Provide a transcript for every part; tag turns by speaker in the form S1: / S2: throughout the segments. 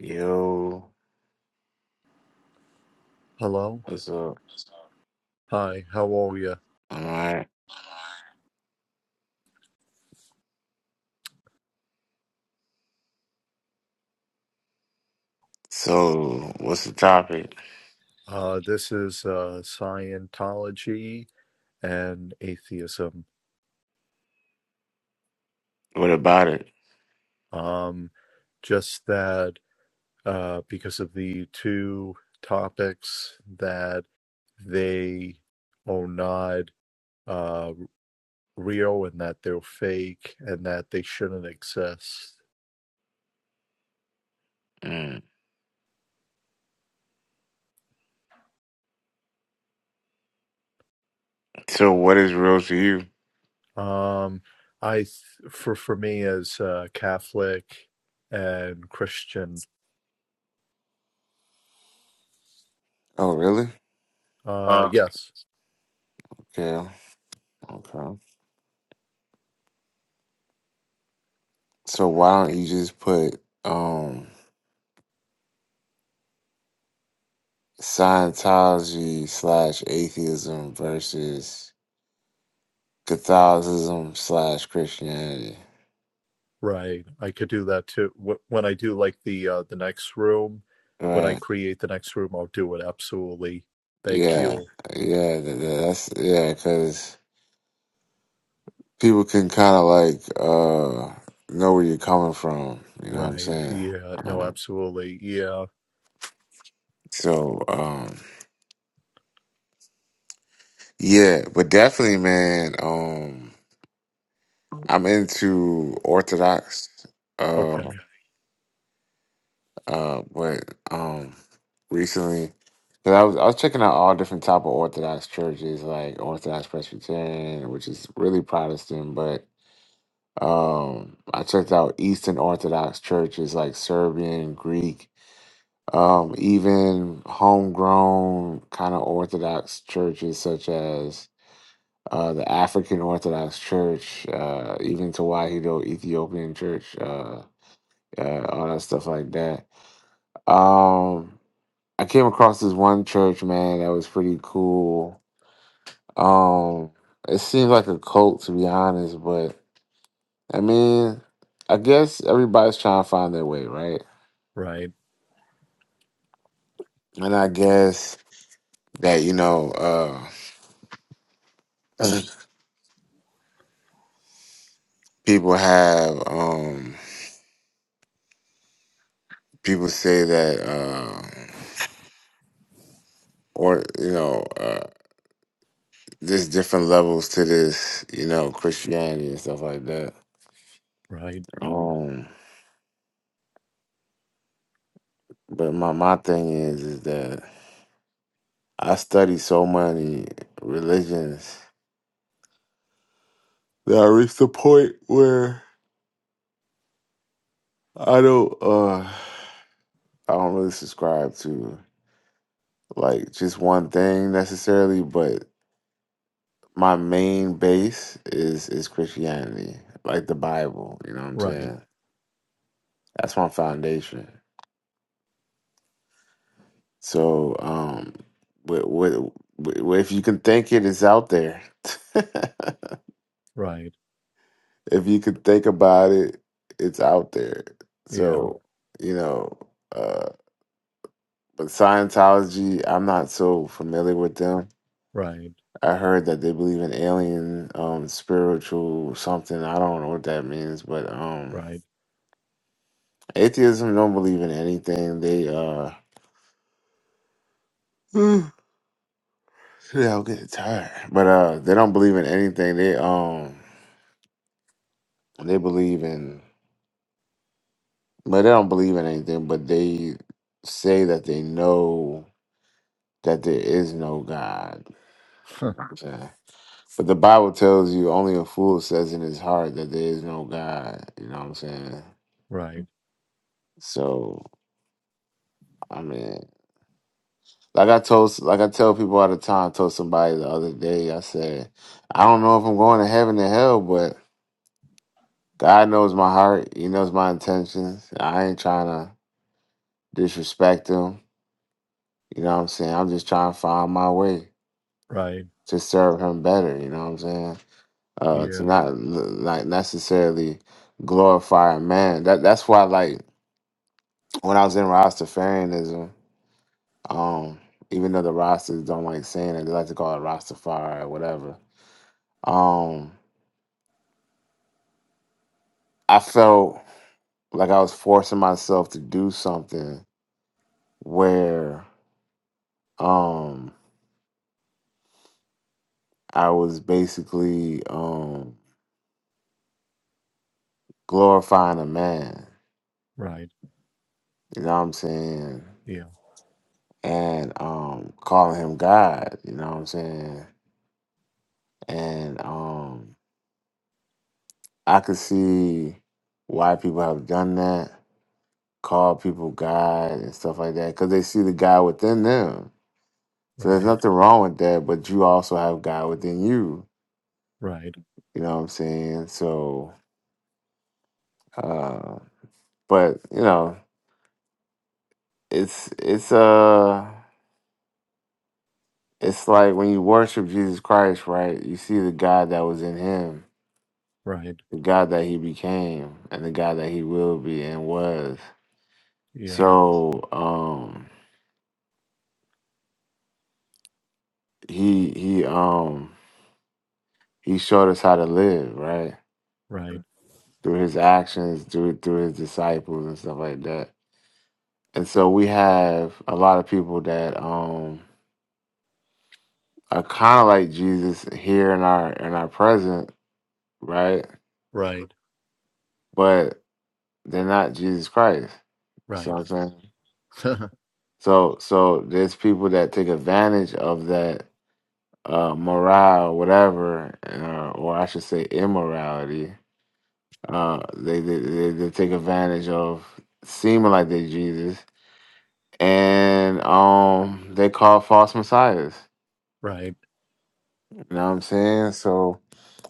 S1: Yo,
S2: Hello.
S1: what's up?
S2: Hi, how are you?
S1: All right. So, what's the topic?
S2: Uh, this is uh, Scientology and atheism.
S1: What about it?
S2: Um, just that uh, because of the two topics that they are not uh, real and that they're fake and that they shouldn't exist.
S1: Mm. So, what is real to you?
S2: Um, I th- for for me as uh, Catholic and Christian,
S1: Oh, really?
S2: uh,
S1: Uh.
S2: yes.
S1: Okay. Okay. So, why don't you just put um Scientology slash atheism versus Catholicism slash Christianity?
S2: Right. I could do that too. Wh- When I do like the uh the next room, when I
S1: Right.
S2: create the next room, I'll do it absolutely. Thank
S1: Yeah.
S2: you.
S1: Yeah. th- th- That's yeah. Because people can kind of like uh know where you're coming from. You know what I'm
S2: Right.
S1: saying?
S2: Yeah. No,
S1: Um,
S2: absolutely. Yeah.
S1: so um, yeah, but definitely, man. Um, I'm into Orthodox, uh,
S2: Okay.
S1: uh, but um, recently. Cause I was I was checking out all different type of Orthodox churches, like Orthodox Presbyterian, which is really Protestant, but um, I checked out Eastern Orthodox churches like Serbian, Greek, Um, even homegrown kind of Orthodox churches, such as uh, the African Orthodox Church, uh, even Tewahedo Ethiopian Church, uh, uh, all that stuff like that. Um, I came across this one church, man, that was pretty cool. Um, it seemed like a cult, to be honest, but I mean, I guess everybody's trying to find their way, right?
S2: Right.
S1: And I guess that, you know, uh, people have um people say that um or you know uh there's different levels to this you know christianity and stuff like that
S2: Right.
S1: um but my my thing is is that i study so many religions that i reached the point where i don't uh i don't really subscribe to like just one thing necessarily but my main base is is Christianity, like the Bible. You know what I'm
S2: Right.
S1: saying? That's my foundation. So, um, what, what, what, if you can think it, it's out there. if
S2: Right.
S1: you can think about it, it's out there.
S2: Yeah.
S1: So, you know, uh, but Scientology, I'm not so familiar with them.
S2: Right.
S1: I heard that they believe in alien, um, spiritual something. I don't know what that means, but um,
S2: Right.
S1: Atheism don't believe in anything. They uh shit, I'll get tired. But uh they don't believe in anything. They um they believe in but they don't believe in anything, but they say that they know that there is no God. You know what I'm saying? But the Bible tells you only a fool says in his heart that there is no God. You know what I'm saying?
S2: Right.
S1: So I mean Like I told, like I tell people all the time. I told somebody the other day. I said, I don't know if I'm going to heaven or hell, but God knows my heart. He knows my intentions. I ain't trying to disrespect Him. You know what I'm saying? I'm just trying to find my way
S2: Right.
S1: to serve Him better. You know what I'm saying? Uh, to
S2: Yeah.
S1: not like necessarily glorify a man. That that's why like when I was in Rastafarianism, um, even though the Rastas don't like saying it, they like to call it Rastafari or whatever. Um, I felt like I was forcing myself to do something where um I was basically um glorifying a man,
S2: Right.
S1: you know what I'm saying?
S2: Yeah.
S1: And um calling him God, you know what I'm saying? And um I could see why people have done that, call people God and stuff like that, because they see the God within them. So there's
S2: Right.
S1: nothing wrong with that, but you also have God within you.
S2: Right.
S1: You know what I'm saying? So Uh, but you know, it's it's uh it's like when you worship Jesus Christ, right? You see the God that was in him,
S2: Right.
S1: the God that he became, and the God that he will be and was.
S2: Yeah.
S1: So um he he um he showed us how to live, right?
S2: Right.
S1: Through his actions, through through his disciples and stuff like that. And so we have a lot of people that um are kind of like Jesus here in our in our present, right?
S2: Right.
S1: but they're not Jesus Christ.
S2: Right.
S1: So I'm saying, so so there's people that take advantage of that uh, morale, whatever, uh, or I should say immorality. Uh, they, they they they take advantage of seeming like they Jesus, and um, they call false messiahs.
S2: Right.
S1: You know what I'm saying? So.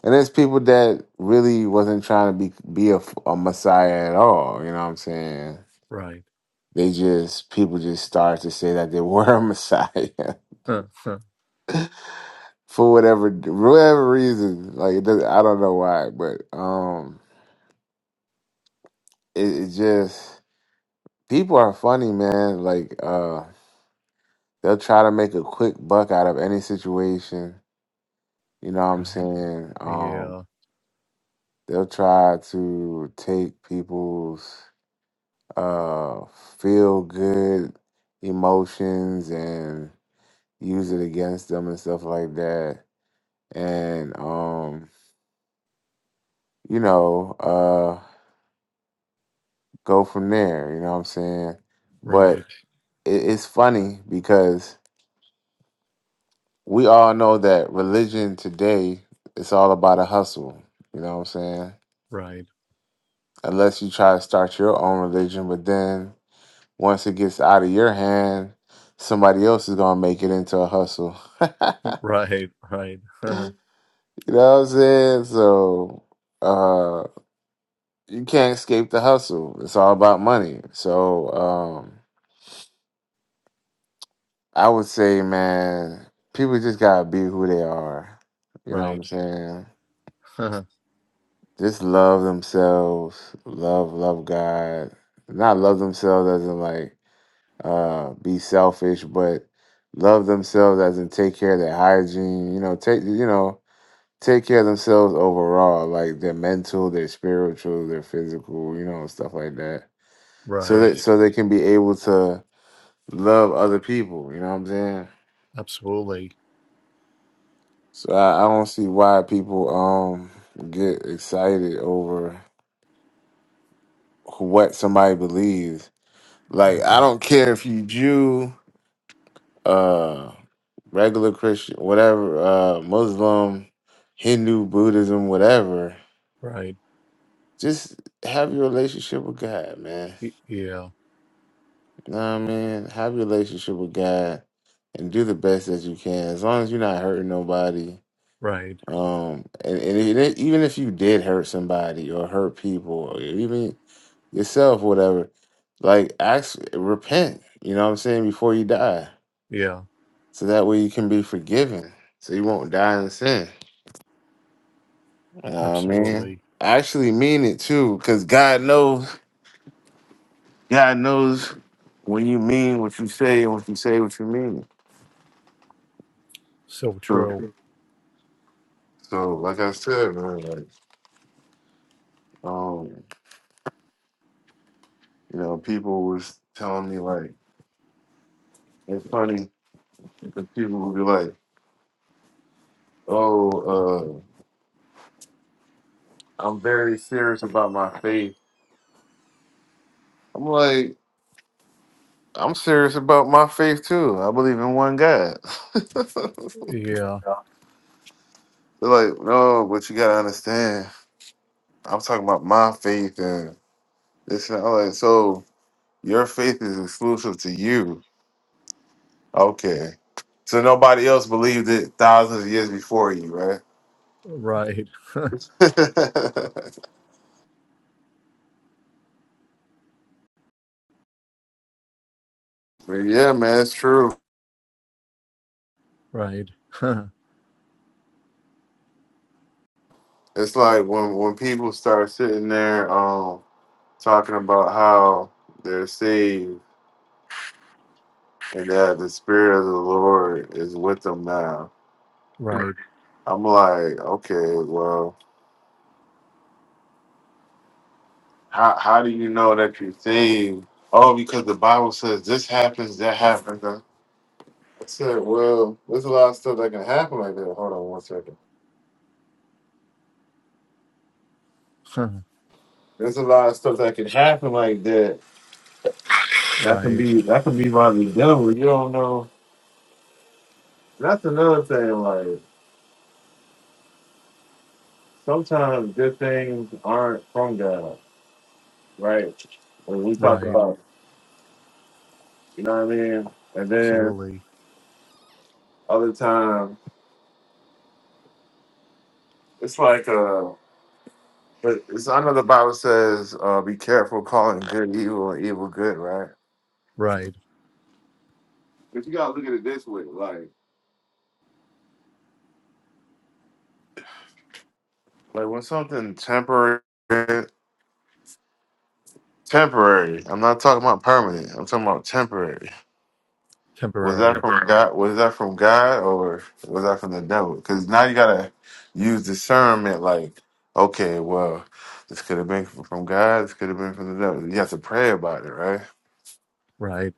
S1: And there's people that really wasn't trying to be be a, a messiah at all. You know what I'm saying?
S2: Right.
S1: They just people just started to say that they were a Messiah
S2: Huh, huh,
S1: for whatever whatever reason. Like it doesn't, I don't know why, but um, it, it just people are funny, man. Like uh, they'll try to make a quick buck out of any situation. You know what I'm
S2: Right.
S1: saying? Um,
S2: Yeah.
S1: they'll try to take people's uh feel good emotions and use it against them and stuff like that. and um, you know, uh, go from there. You know what I'm saying? But
S2: Right.
S1: it, it's funny because we all know that religion today it's all about a hustle. You know what I'm saying?
S2: Right.
S1: Unless you try to start your own religion, but then once it gets out of your hand, somebody else is gonna make it into a hustle. you know
S2: Right. Right. Huh.
S1: what I'm saying? So uh you can't escape the hustle. It's all about money. So um I would say, man, people just gotta be who they are. You know what
S2: Right.
S1: I'm saying? Just love themselves, love, love God. Not love themselves as in like uh be selfish, but love themselves as in take care of their hygiene, you know, take you know, take care of themselves overall, like their mental, their spiritual, their physical, you know, stuff like that. So
S2: right.
S1: that Yeah. so they can be able to love other people, you know what I'm saying?
S2: Absolutely.
S1: So I, I don't see why people um get excited over who- what somebody believes. Like I
S2: Right.
S1: don't care if you Jew, uh regular Christian, whatever, uh Muslim, Hindu, Buddhism, whatever.
S2: Right.
S1: Just have your relationship with God, man.
S2: Y- Yeah.
S1: You know what I mean? Have your relationship with God and do the best that you can. As long as you're not hurting nobody,
S2: Right.
S1: um, and, and even if even if you did hurt somebody or hurt people, or even yourself, whatever. Like, ask, repent, you know what I'm saying, before you die.
S2: Yeah.
S1: So that way you can be forgiven. So you won't die in sin. You know what I mean?
S2: Absolutely.
S1: I actually mean it too, because God knows, God knows when you mean what you say and what you say what you mean.
S2: So
S1: So,
S2: true.
S1: so like I said, man, like, um, you know, people was telling me like, it's funny because people would be like, oh, uh, I'm very serious about my faith. I'm like, I'm serious about my faith too. I believe in one God. They're
S2: Yeah.
S1: like, no, but you gotta understand. I'm talking about my faith and this and that." I'm like, so your faith is exclusive to you. Okay. So nobody else believed it thousands of years before you, right?
S2: Right.
S1: but yeah, man, it's true.
S2: Right.
S1: It's like when when people start sitting there um talking about how they're saved and that the spirit of the Lord is with them now.
S2: Right.
S1: I'm like, okay, well, how how do you know that you are saved? Oh, because the Bible says this happens, that happens. I said, well, there's a lot of stuff that can happen like that. Hold on one second. There's a lot of stuff that can happen like that. That can
S2: right.
S1: be that can be rightly dealt with. You don't know. That's another thing. Like sometimes good things aren't from God, right? When we talk
S2: Right.
S1: about, you know what I mean. And then
S2: Absolutely.
S1: other times it's like uh But it's, I know the Bible says, uh, "Be careful calling good evil and evil good," right?
S2: Right.
S1: But you gotta look at it this way, like, like when something temporary, temporary. I'm not talking about permanent. I'm talking about temporary. Was that
S2: Temporary.
S1: from God? Was that from God, or was that from the devil? Because now you gotta use discernment. Like, okay, well, this could have been from God. This could have been from the devil. You have to pray about it, right?
S2: Right.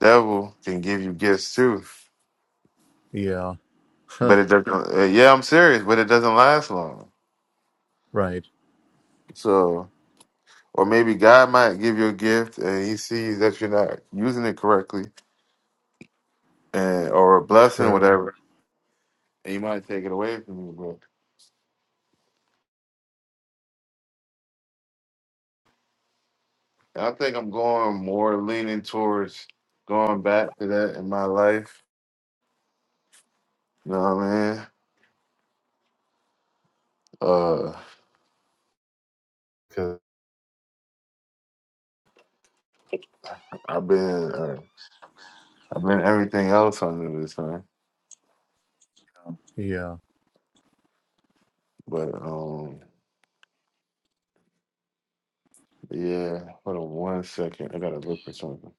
S1: Devil can give you gifts too.
S2: Yeah.
S1: but it doesn't. uh, Yeah, I'm serious, but it doesn't last long.
S2: right.
S1: So, or maybe God might give you a gift and He sees that you're not using it correctly, and or a blessing,
S2: True.
S1: whatever, and He might take it away from you. But I think I'm going more leaning towards going back to that in my life. You know what I mean? Uh, cause I've been uh, I've been everything else under this sun.
S2: Yeah.
S1: But um, yeah. Hold on one second. I gotta look for something.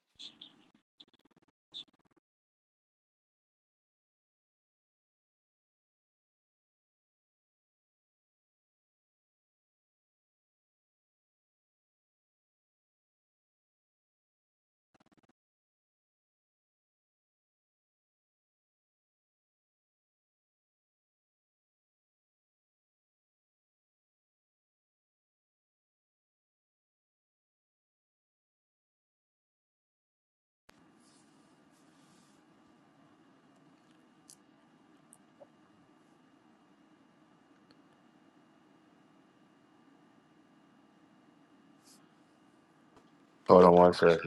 S1: Hold on one second.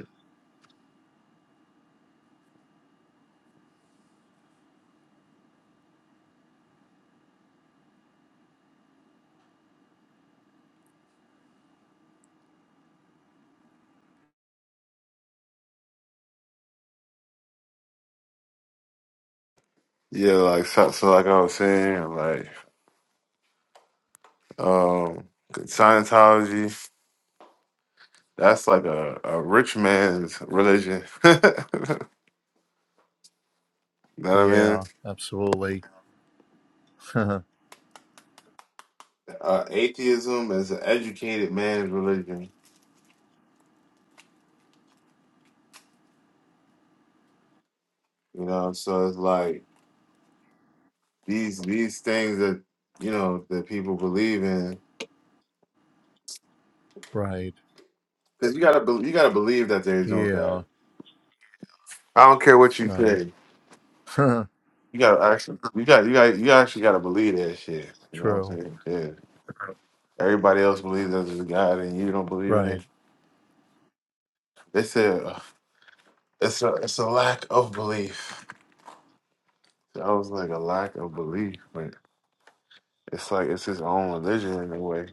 S1: Yeah, like so, so like I was saying, like um Scientology, that's like a, a rich man's religion. know what I mean?
S2: Yeah. Absolutely.
S1: Uh, atheism is an educated man's religion. You know, so it's like these these things that you know that people believe in,
S2: right.
S1: because you gotta be, you gotta believe that there is no
S2: Yeah.
S1: God. I don't care what you
S2: Right.
S1: say. You gotta actually, you got you got you actually gotta believe that shit. You know what I'm
S2: true.
S1: saying? Yeah. Everybody else believes that there's a God, and you don't believe in
S2: Right.
S1: it. They said uh, it's a it's a lack of belief. I was like a lack of belief, but it's like it's his own religion in a way.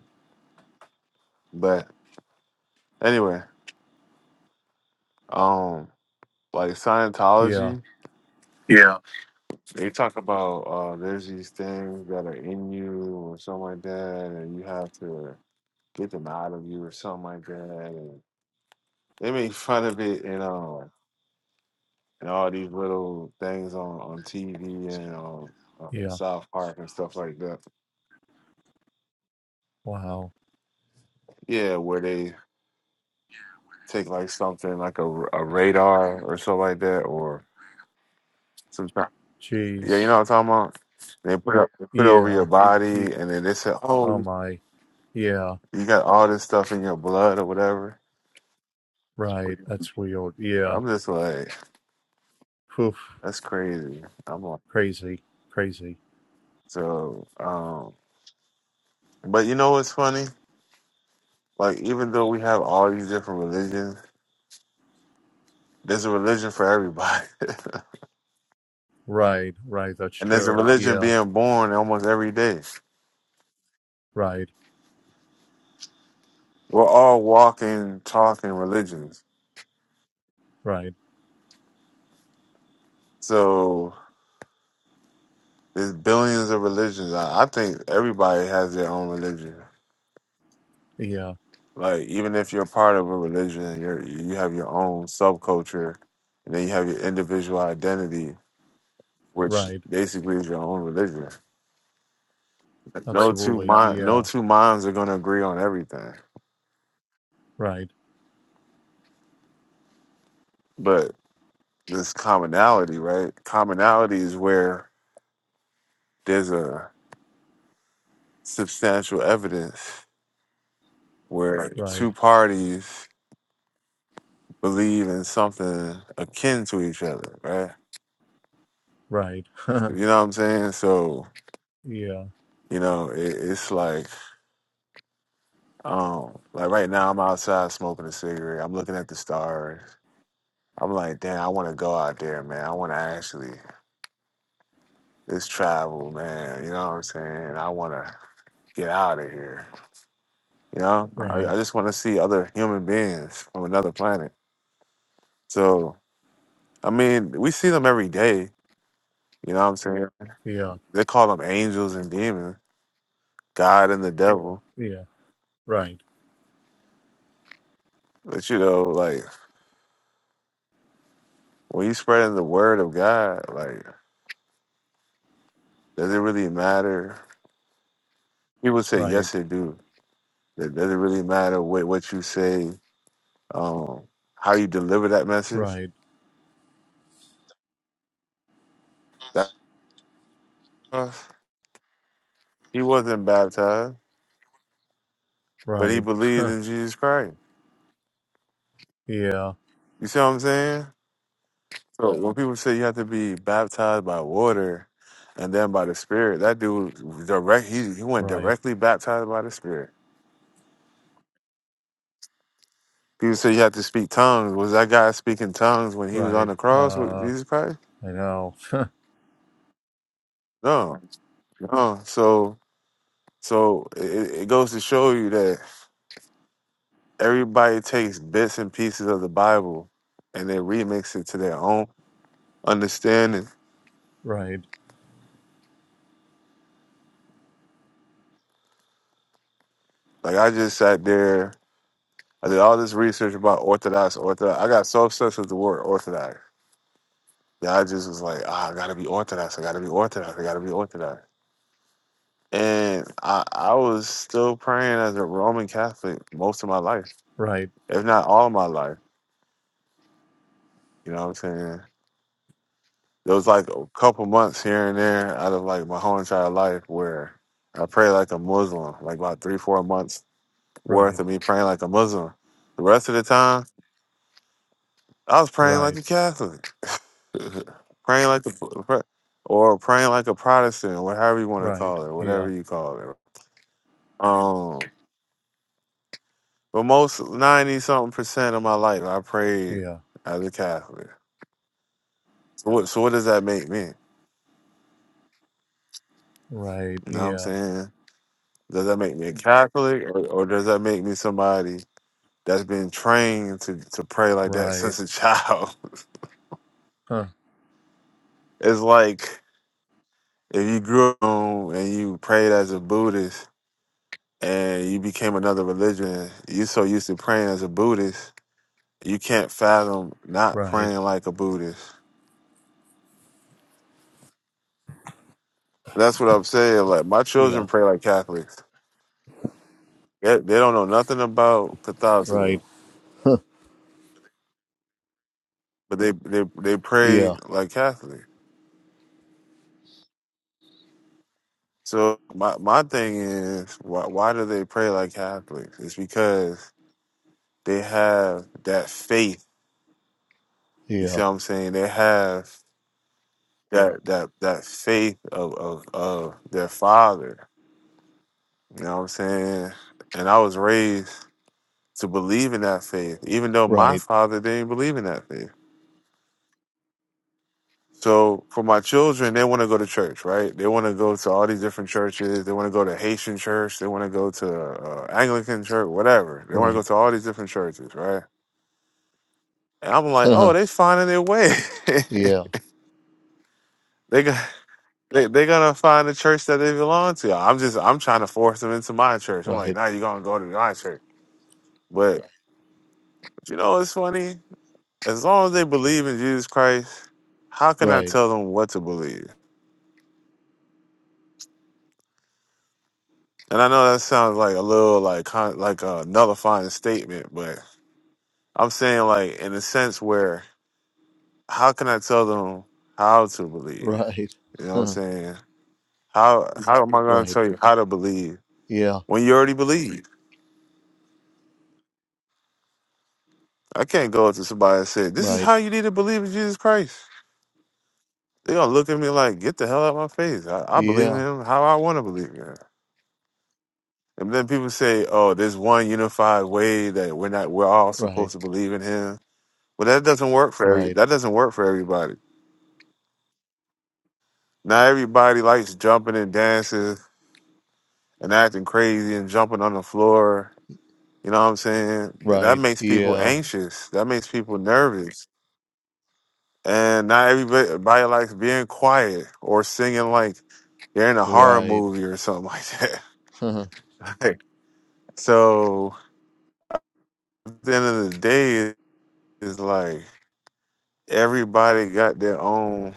S1: But anyway, um, like
S2: Yeah.
S1: Scientology. Yeah. They talk about uh, there's these things that are in you or something like that, and you have to get them out of you or something like that. And they make fun of it, you know. and all these little things on on TV and on uh,
S2: Yeah.
S1: South Park and stuff like that.
S2: Wow.
S1: Yeah, where they take like something like a a radar or something like that, or some ti- yeah, you
S2: Jeez.
S1: know what I'm talking about. They put up, they put it over your
S2: Yeah. Y-
S1: body, and then they say, "Oh,
S2: Oh
S1: you
S2: my. Yeah.
S1: you got all this stuff in your blood or whatever."
S2: Right. That's weird. Yeah.
S1: I'm just like,
S2: Poof.
S1: that's crazy. I'm like,
S2: Crazy. Crazy.
S1: so, um, but you know what's funny? Like, even though we have all these different religions, there's a religion for everybody.
S2: Right. Right. That's
S1: And there's a
S2: true.
S1: religion
S2: Yeah.
S1: being born almost every day.
S2: Right.
S1: We're all walking, talking religions.
S2: Right.
S1: So there's billions of religions. I, I think everybody has their own religion.
S2: Yeah.
S1: Like even if you're part of a religion, you're you have your own subculture, and then you have your individual identity, which
S2: Right.
S1: basically is your own religion. No two
S2: Absolutely.
S1: mind, no
S2: Yeah.
S1: two minds are going to agree on everything,
S2: Right.
S1: but this commonality, right? Commonality is where there's a substantial evidence where Right.
S2: Right.
S1: two parties believe in something akin to each other, right?
S2: Right.
S1: You know what I'm saying? So,
S2: Yeah.
S1: you know, it, it's like, um, like right now I'm outside smoking a cigarette. I'm looking at the stars. I'm like, damn, I want to go out there, man. I want to actually, it's travel, man. You know what I'm saying? I want to get out of here. You know, I,
S2: Right.
S1: I just want to see other human beings from another planet. So, I mean, we see them every day You know what I'm saying?
S2: Yeah.
S1: They call them angels and demons, God and the devil.
S2: Yeah. Right.
S1: But you know, like when you spreading the word of God, like does it really matter? People say
S2: Right.
S1: yes, it do. It doesn't really matter what what you say, um, how you deliver that message.
S2: Right.
S1: That he wasn't baptized, but he
S2: Right.
S1: believed in Jesus Christ.
S2: Yeah.
S1: You see what I'm saying? So when people say you have to be baptized by water and then by the Spirit, that dude direct he he went
S2: Right.
S1: directly baptized by the Spirit. People say you have to speak tongues. Was that guy speaking tongues when he was
S2: Right.
S1: on the cross with
S2: Uh,
S1: Jesus Christ?
S2: I know.
S1: No, no. So, so it, it goes to show you that everybody takes bits and pieces of the Bible and they remix it to their own understanding.
S2: Right.
S1: Like I just sat there, I did all this research about Orthodox, Orthodox. I got so obsessed with the word Orthodox. that I just was like, ah, I gotta be Orthodox. I gotta be Orthodox. I gotta be Orthodox. And I, I was still praying as a Roman Catholic most of my life
S2: Right.
S1: if not all my life. You know what I'm saying? There was like a couple months here and there out of like my whole entire life where I prayed like a Muslim, like about three, four months worth
S2: Right.
S1: of me praying like a Muslim. The rest of the time, I was praying like
S2: Right.
S1: a Catholic, praying like a, or praying like a Protestant, or whatever you want to
S2: Right.
S1: call it,
S2: Yeah.
S1: whatever you call it. Um, but most 90 something percent of my life, I prayed
S2: Yeah.
S1: as a Catholic. So what, so what does that make me?
S2: Right.
S1: You know what I'm
S2: Yeah.
S1: saying? Does that make me a Catholic or, or does that make me somebody that's been trained to, to pray like that
S2: Right.
S1: since a child?
S2: Huh.
S1: It's like if you grew up and you prayed as a Buddhist and you became another religion, you so used to praying as a Buddhist, you can't fathom not
S2: Right.
S1: praying like a Buddhist. That's what I'm saying. Like my
S2: Yeah.
S1: children pray like Catholics. They, they don't know nothing about
S2: Right.
S1: Catholicism, but they they they pray
S2: Yeah.
S1: like Catholics. So my my thing is, why why do they pray like Catholics? It's because they have that faith. You see
S2: Yeah.
S1: what I'm saying? They have that that that faith of of, of their father. You know what I'm saying? And I was raised to believe in that faith, even though my
S2: Right.
S1: father didn't believe in that faith. So for my children, they want to go to church, right? They want to go to all these different churches. They want to go to Haitian church. They want to go to uh, Anglican church, whatever. They want to
S2: Right.
S1: go to all these different churches, right? And I'm like, oh,
S2: Huh.
S1: they finding their way.
S2: Yeah.
S1: they got. They they gonna find the church that they belong to. I'm just I'm trying to force them into my church. I'm like,
S2: Right.
S1: nah, you gonna go to my church. But you know what's funny? As long as they believe in Jesus Christ, how can I
S2: Right.
S1: tell them what to believe? And I know that sounds like a little like con- like a nullifying statement, but I'm saying like in a sense where how can I tell them how to believe?
S2: Right.
S1: You know what I'm
S2: Huh.
S1: saying? How how am I going to
S2: Right.
S1: tell you how to believe
S2: Yeah.
S1: when you already believe? I can't go up to somebody and say this is
S2: Right.
S1: how you need to believe in Jesus Christ. They're gonna look at me like get the hell out of my face. I, I believe in
S2: Yeah.
S1: him how I want to believe in him. And then people say, "Oh, there's one unified way that we're not we're all
S2: Right.
S1: supposed to believe in him." Well, that doesn't work for every,
S2: Right.
S1: that doesn't work for everybody. Not everybody likes jumping and dancing and acting crazy and jumping on the floor. You know what I'm saying? Th- That
S2: Right.
S1: makes people
S2: Yeah.
S1: anxious. That makes people nervous. And not everybody likes being quiet or singing like they're in a horror
S2: Right.
S1: movie or something like that.
S2: Huh.
S1: Like, so at the end of the day, it's like everybody got their own.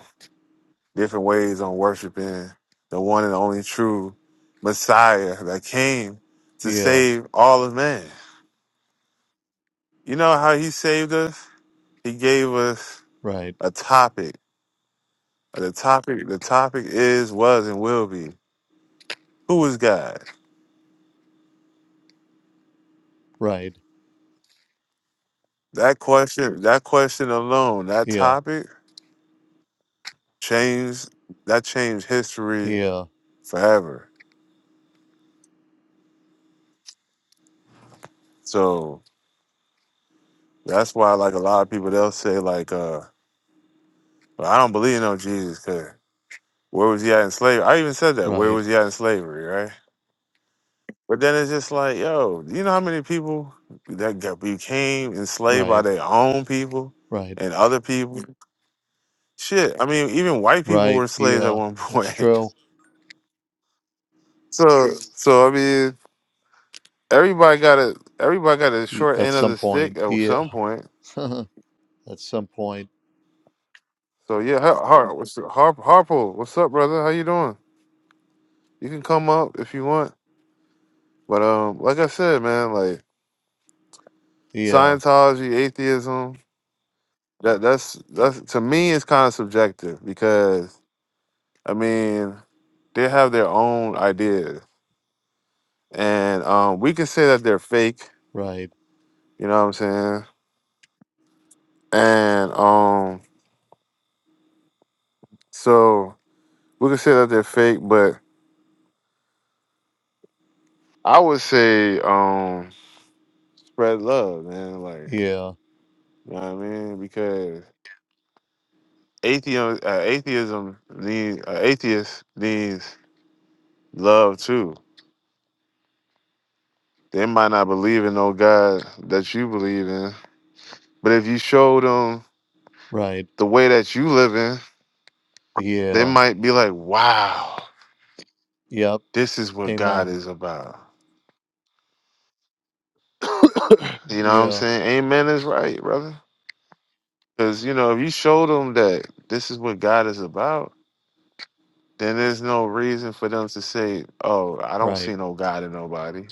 S1: different ways on worshiping the one and only true Messiah that came to
S2: Yeah.
S1: save all of man. You know how he saved us? He gave us
S2: Right.
S1: a topic. The topic the topic is, was, and will be. Who is God?
S2: Right.
S1: That question that question alone, that
S2: Yeah.
S1: topic changed that changed history
S2: Yeah.
S1: forever. So that's why like a lot of people they'll say like uh "Well, I don't believe in no Jesus 'cause Where was he at in slavery? I even said that. Where
S2: Right.
S1: was he at in slavery, right? But then it's just like, yo, you know how many people that got, became enslaved by
S2: Right.
S1: their own people
S2: Right.
S1: and other people? Shit, I mean, even white people
S2: Right.
S1: were slaves at
S2: Yeah.
S1: one
S2: That's
S1: point.
S2: true.
S1: so, so I mean, everybody got a everybody got a
S2: Y-
S1: short
S2: At
S1: end of
S2: some
S1: the stick
S2: point.
S1: at
S2: Yeah.
S1: some point.
S2: At some point.
S1: So yeah, Har, Har, what's Har, Harpo, what's up, brother? How you doing? You can come up if you want, but um, like I said, man, like
S2: Yeah.
S1: Scientology, atheism, That that's that's to me it's kind of subjective because I mean they have their own ideas and um we can say that they're fake,
S2: Right.
S1: you know what I'm saying? And um so we can say that they're fake, but I would say um spread love, man, like
S2: Yeah,
S1: you know what I mean? Because atheism uh, atheism need uh, atheist needs love too. They might not believe in no God that you believe in, but if you show them
S2: right.
S1: the way that you live in, they
S2: Yeah,
S1: might be like, wow,
S2: yep.
S1: this is what God
S2: Amen.
S1: is about. You know what I'm
S2: Yeah,
S1: saying? Amen is right, brother. Because, you know, if you show them that this is what God is about, then there's no reason for them to say, oh, I don't
S2: right,
S1: see no God in nobody.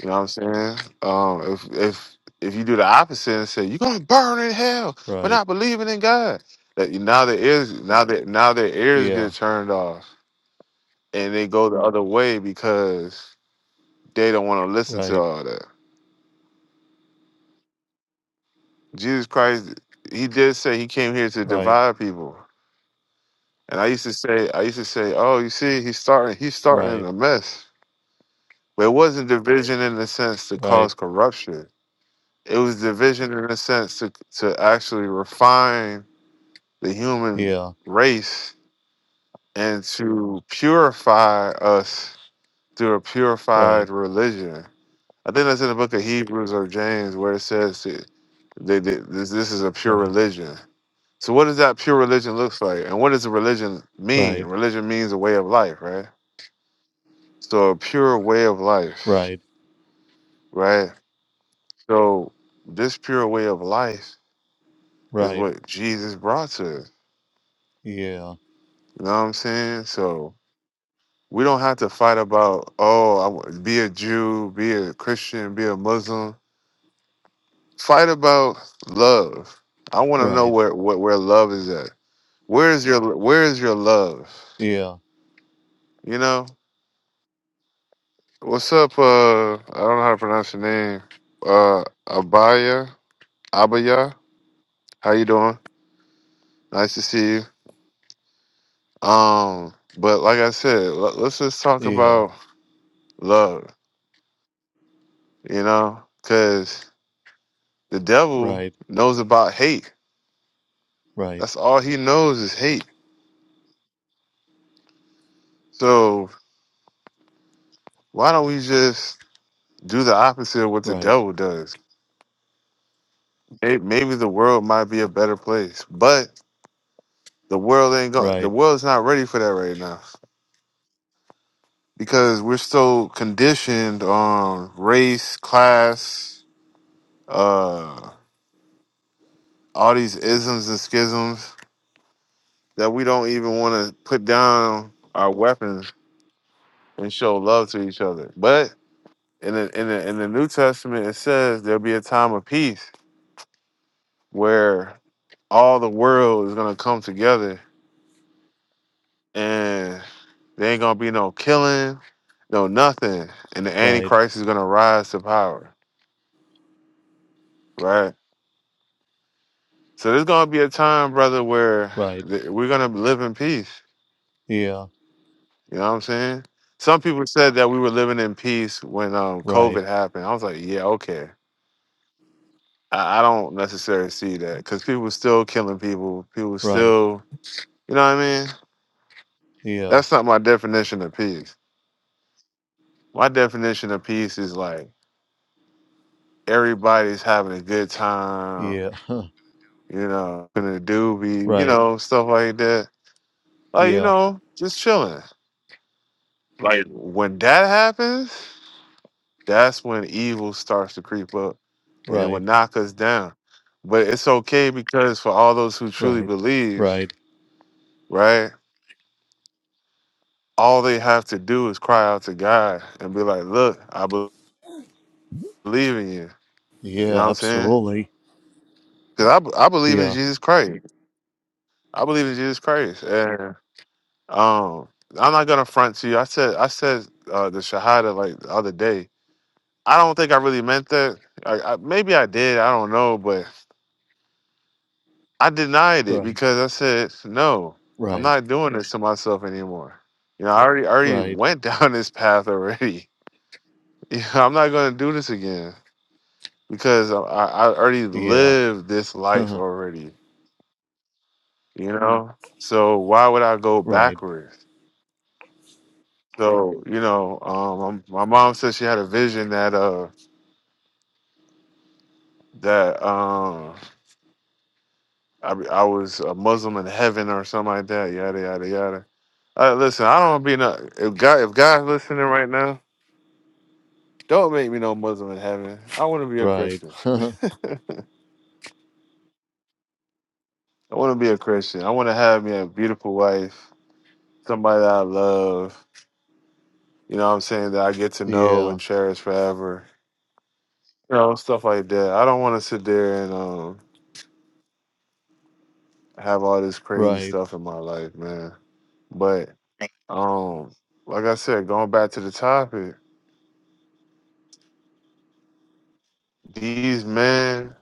S1: You know what I'm saying? Um, if, if, if you do the opposite and say you're gonna burn in hell for
S2: right.
S1: not believing in God, that now their ears now that now their ears
S2: Yeah,
S1: get turned off and they go the other way because They don't want to listen to
S2: right,
S1: all that. Jesus Christ, he did say he came here to
S2: right,
S1: divide people. And I used to say, I used to say, oh, you see, he's starting, he's starting
S2: right,
S1: a mess. But it wasn't division in the sense to
S2: right.
S1: cause corruption. It was division in the sense to to actually refine the human
S2: Yeah,
S1: race and to purify us through a
S2: right,
S1: purified religion. I think that's in the book of Hebrews or James where it says that they, they, this, this is a pure
S2: right,
S1: religion. So what does that pure religion looks like? And what does a religion mean?
S2: right,
S1: Religion means a way of life, right? So a pure way of life,
S2: right,
S1: right? So this pure way of life is
S2: right.
S1: what Jesus brought to us.
S2: Yeah,
S1: You know what I'm saying? So we don't have to fight about, oh, I wa- be a Jew, be a Christian, be a Muslim. Fight about love. I want to know
S2: right.
S1: where, where where love is at. Where is your where is your love?
S2: Yeah,
S1: You know? What's up? Uh, I don't know how to pronounce your name. Uh, Abaya, Abaya. How you doing? Nice to see you. Um, but like I said, l- let's just talk
S2: yeah,
S1: about love. You know, because the devil
S2: right,
S1: knows about hate.
S2: right,
S1: That's all he knows is hate. So why don't we just do the opposite of what the
S2: right,
S1: devil does? May- Maybe the world might be a better place, but the world ain't going. The
S2: right,
S1: world's not ready for that right now. because we're so conditioned on race, class, uh, all these isms and schisms that we don't even want to put down our weapons and show love to each other. But in the, in the in the New Testament, it says there'll be a time of peace where all the world is gonna come together and there ain't gonna be no killing, no nothing, and the
S2: right,
S1: Antichrist is gonna rise to power, right? So there's gonna be a time, brother, where
S2: right.
S1: th- we're gonna live in peace.
S2: Yeah,
S1: You know what I'm saying? Some people said that we were living in peace when um,
S2: right,
S1: COVID happened. I was like, yeah, okay. I, I don't necessarily see that because people still killing people. People
S2: right.
S1: still, you know what I mean?
S2: Yeah,
S1: That's not my definition of peace. My definition of peace is like everybody's having a good time.
S2: yeah, Huh.
S1: You know, gonna do be, you
S2: right.
S1: know, stuff like that. Like you
S2: Yeah,
S1: know, just chilling. Like when that happens. That's when evil starts to creep up and it will
S2: right,
S1: knock us down. But it's okay because for all those who truly
S2: right,
S1: believe,
S2: right.
S1: right? All they have to do is cry out to God and be like, look, I be- believe in you. You know what
S2: Yeah,
S1: I'm saying?
S2: absolutely.
S1: Because I, be- I believe in
S2: Yeah,
S1: Jesus Christ. I believe in Jesus Christ. And um, I'm not gonna front to you. I said I said uh, the Shahada like the other day. I don't think I really meant that. I, I, maybe I did. I don't know. But I denied it
S2: right,
S1: because I said, no, I'm
S2: right.
S1: not doing this to myself anymore. You know, I already I already
S2: right,
S1: went down this path already. You know, I'm not going to do this again because I, I already
S2: yeah,
S1: lived this life already, you Mhm. know? So why would I go
S2: right,
S1: backwards? So, you know, um, i my mom said she had a vision that, uh, that, um, I, I was a Muslim in heaven or something like that, yada, yada, yada. Uh, listen, I don't want to be no, if God, if God's listening right now, Don't make me no Muslim in heaven. I want to be a
S2: right,
S1: Christian. I want to be a Christian. I want to have me a beautiful wife, somebody that I love. You know what I'm saying? That I get to know
S2: yeah,
S1: and cherish forever. You know, stuff like that. I don't want to sit there and um have all this crazy
S2: right,
S1: stuff in my life, man. But um like I said, going back to the topic, these men,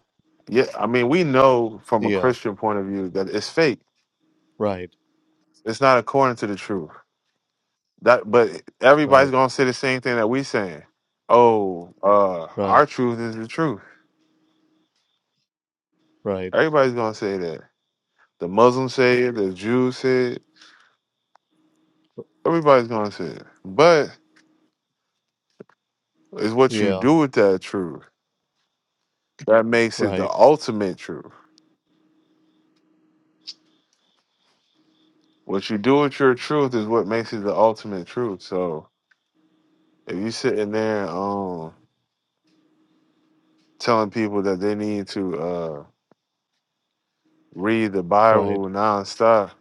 S1: yeah, I mean, we know from a
S2: yeah,
S1: Christian point of view that it's fake.
S2: right,
S1: It's not according to the truth. That but everybody's
S2: right,
S1: gonna say the same thing that we saying. Oh, uh,
S2: right,
S1: our truth is the truth.
S2: right,
S1: Everybody's gonna say that. The Muslims say it, the Jews say it, everybody's gonna say it. But it's what you
S2: yeah,
S1: do with that truth that makes it the
S2: right,
S1: ultimate truth. What you do with your truth is what makes it the ultimate truth. So if you sitting there um telling people that they need to uh read the
S2: right,
S1: Bible nonstop,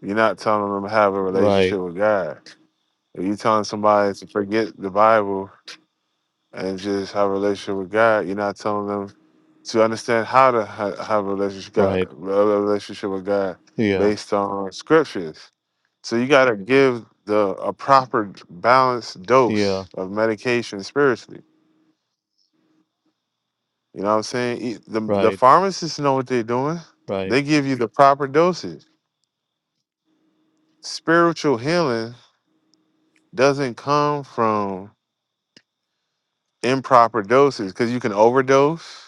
S1: you're not telling them to have a
S2: right,
S1: relationship with God If you telling somebody to forget the Bible and just have a relationship with God, you're not telling them to understand how to ha- have a relationship God,
S2: right,
S1: a relationship with God
S2: yeah,
S1: based on scriptures. So you got to give the a proper balanced
S2: yeah,
S1: dose of medication spiritually. You know what I'm saying? E- The the
S2: right,
S1: pharmacists know what they're doing.
S2: right,
S1: They give you the proper dosage. Spiritual healing doesn't come from improper doses because you can overdose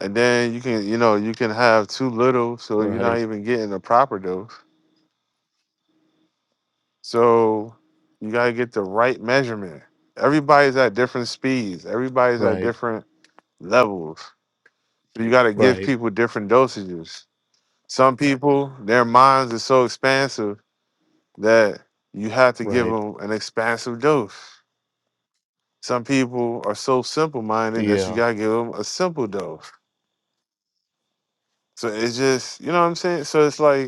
S1: and then you can you know you can have too little so you're not
S2: right,
S1: even getting the proper dose so you got to get the right measurement everybody's at different speeds everybody's at
S2: right,
S1: different levels so you got to give
S2: right,
S1: people different dosages some people their minds are so expansive that you have to give
S2: right,
S1: them an expansive dose some people are so simple minded that you
S2: yeah,
S1: got to give them a simple dose so it's just you know what i'm saying so it's like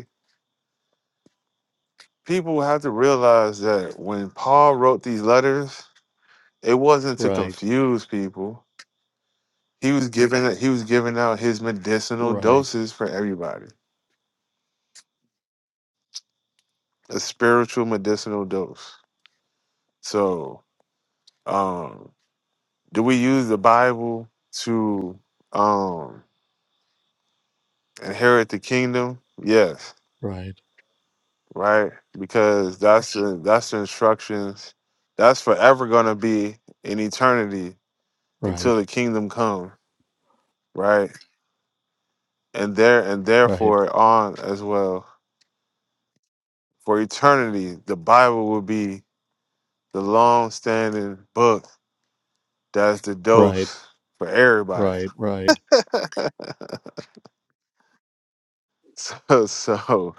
S1: people have to realize that when Paul wrote these letters, it wasn't to
S2: right,
S1: confuse people. He was giving he was giving out his medicinal
S2: right,
S1: doses for everybody, a spiritual medicinal dose. So, um, do we use the Bible to um, inherit the kingdom? Yes, right, because that's the, that's the instructions. That's forever gonna be in eternity
S2: right,
S1: until
S2: right,
S1: the kingdom comes, right? and there and
S2: right,
S1: therefore on as well for eternity the bible will be the long-standing book that's the
S2: right, right,
S1: dose for everybody
S2: right,
S1: so so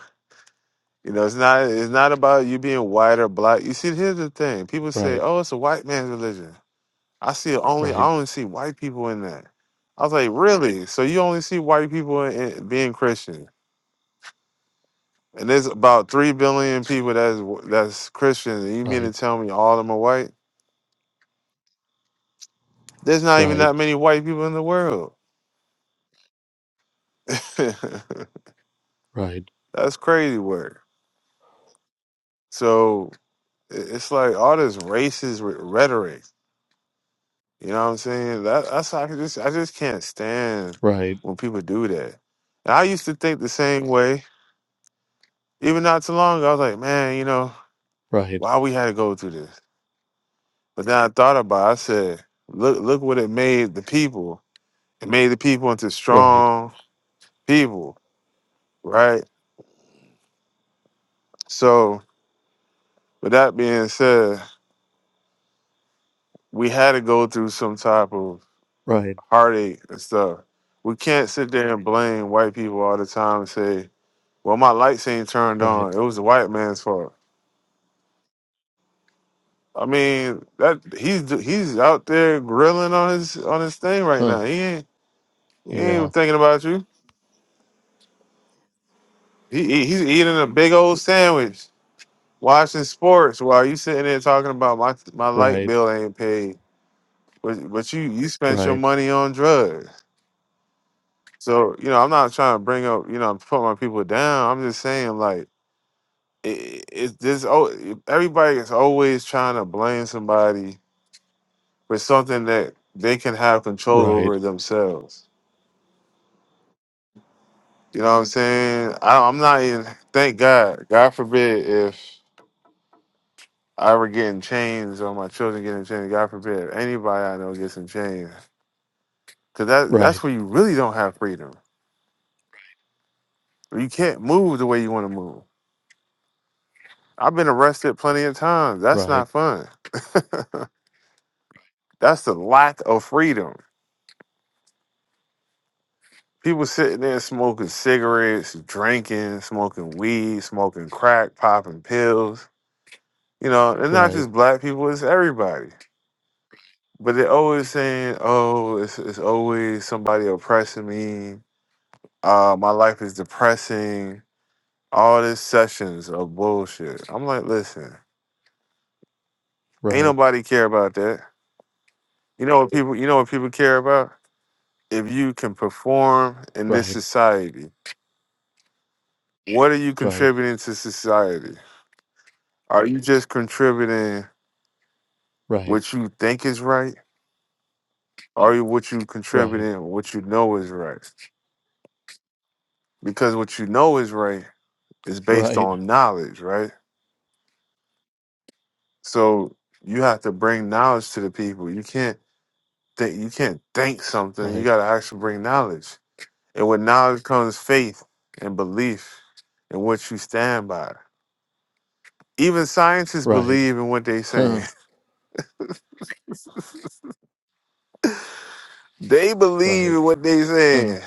S1: you know it's not it's not about you being white or black you see here's the thing people say oh it's a white man's religion i see only i only see white people in that i was like really so you only see white people in, in being christian and there's about 3 billion people that's that's christian and you mean to
S2: right, right, right, right, right, right,
S1: tell me all of them are white There's not even that many white people in the world. That's
S2: right,
S1: crazy work. So i- it's like all this racist re- rhetoric. You know what I'm saying? That, that's how I can just I just can't stand when people do that. And I used to think the same way. Even not too long ago, I was like, man, you know, why we had to go through this? But then I thought about. It, I said, look, look what it made the people. It made the people into
S2: right,
S1: strong people, right? So, with that being said, we had to go through some type of
S2: right,
S1: heartache and stuff. We can't sit there and blame white people all the time and say, "Well, my lights ain't turned
S2: right,
S1: on. It was the white man's fault." I mean, that he's he's out there grilling on his on his thing right
S2: huh,
S1: now. He ain't he ain't
S2: yeah
S1: even thinking about you. He, he he's eating a big old sandwich, watching sports while you sitting there talking about my my light
S2: ride,
S1: bill ain't paid. But but you you spent your
S2: ride,
S1: money on drugs. So you know, I'm not trying to bring up you know put my people down. I'm just saying like it, it this oh everybody is always trying to blame somebody for something that they can have control
S2: ride,
S1: over themselves. You know what I'm saying? I, I'm not even. Thank God. God forbid if I were getting chains or my children getting chains. God forbid if anybody I know gets in chains. Cause that that's
S2: ride,
S1: where you really don't have freedom. You can't move the way you want to move. I've been arrested plenty of times. That's
S2: ride,
S1: not fun. That's the lack of freedom. People sitting there smoking cigarettes, drinking, smoking weed, smoking crack, popping pills. You know, and not
S2: ride,
S1: just black people, it's everybody. But they're always saying, oh, it's, it's always somebody oppressing me. Uh, my life is depressing. All these sessions of bullshit. I'm like, listen, ain't
S2: ride,
S1: nobody care about that. You know what people you know what people care about? if you can perform in this
S2: ride,
S1: society, what are you
S2: ride,
S1: contributing to society? Are you just contributing
S2: ride,
S1: what you think is right? Are you what you
S2: ride,
S1: contributing what you know is right? Because what you know is right is based
S2: ride,
S1: on knowledge, right? So you have to bring knowledge to the people. You can't think you can't think something. You
S2: ride,
S1: gotta actually bring knowledge. And with knowledge comes faith and belief in what you stand by even scientists
S2: ride,
S1: believe in what they are saying.
S2: huh,
S1: They believe
S2: ride,
S1: in what they
S2: huh,
S1: saying.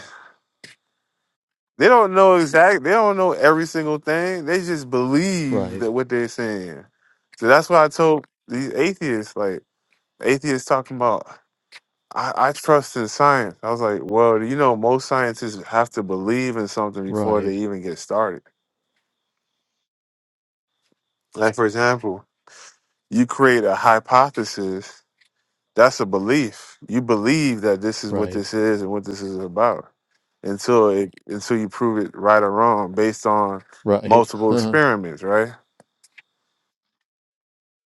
S1: They don't know exact. They don't know every single thing. They just believe
S2: ride,
S1: that what they're saying. So that's why I told these atheists, like atheists talking about, I, I trust in science. I was like, well, you know, most scientists have to believe in something before they
S2: ride,
S1: even get started. Like for example, you create a hypothesis That's a belief. You believe that this is what
S2: ride,
S1: this is and what this is about until it until you prove it right or wrong based on
S2: ride,
S1: multiple
S2: huh,
S1: experiments, right?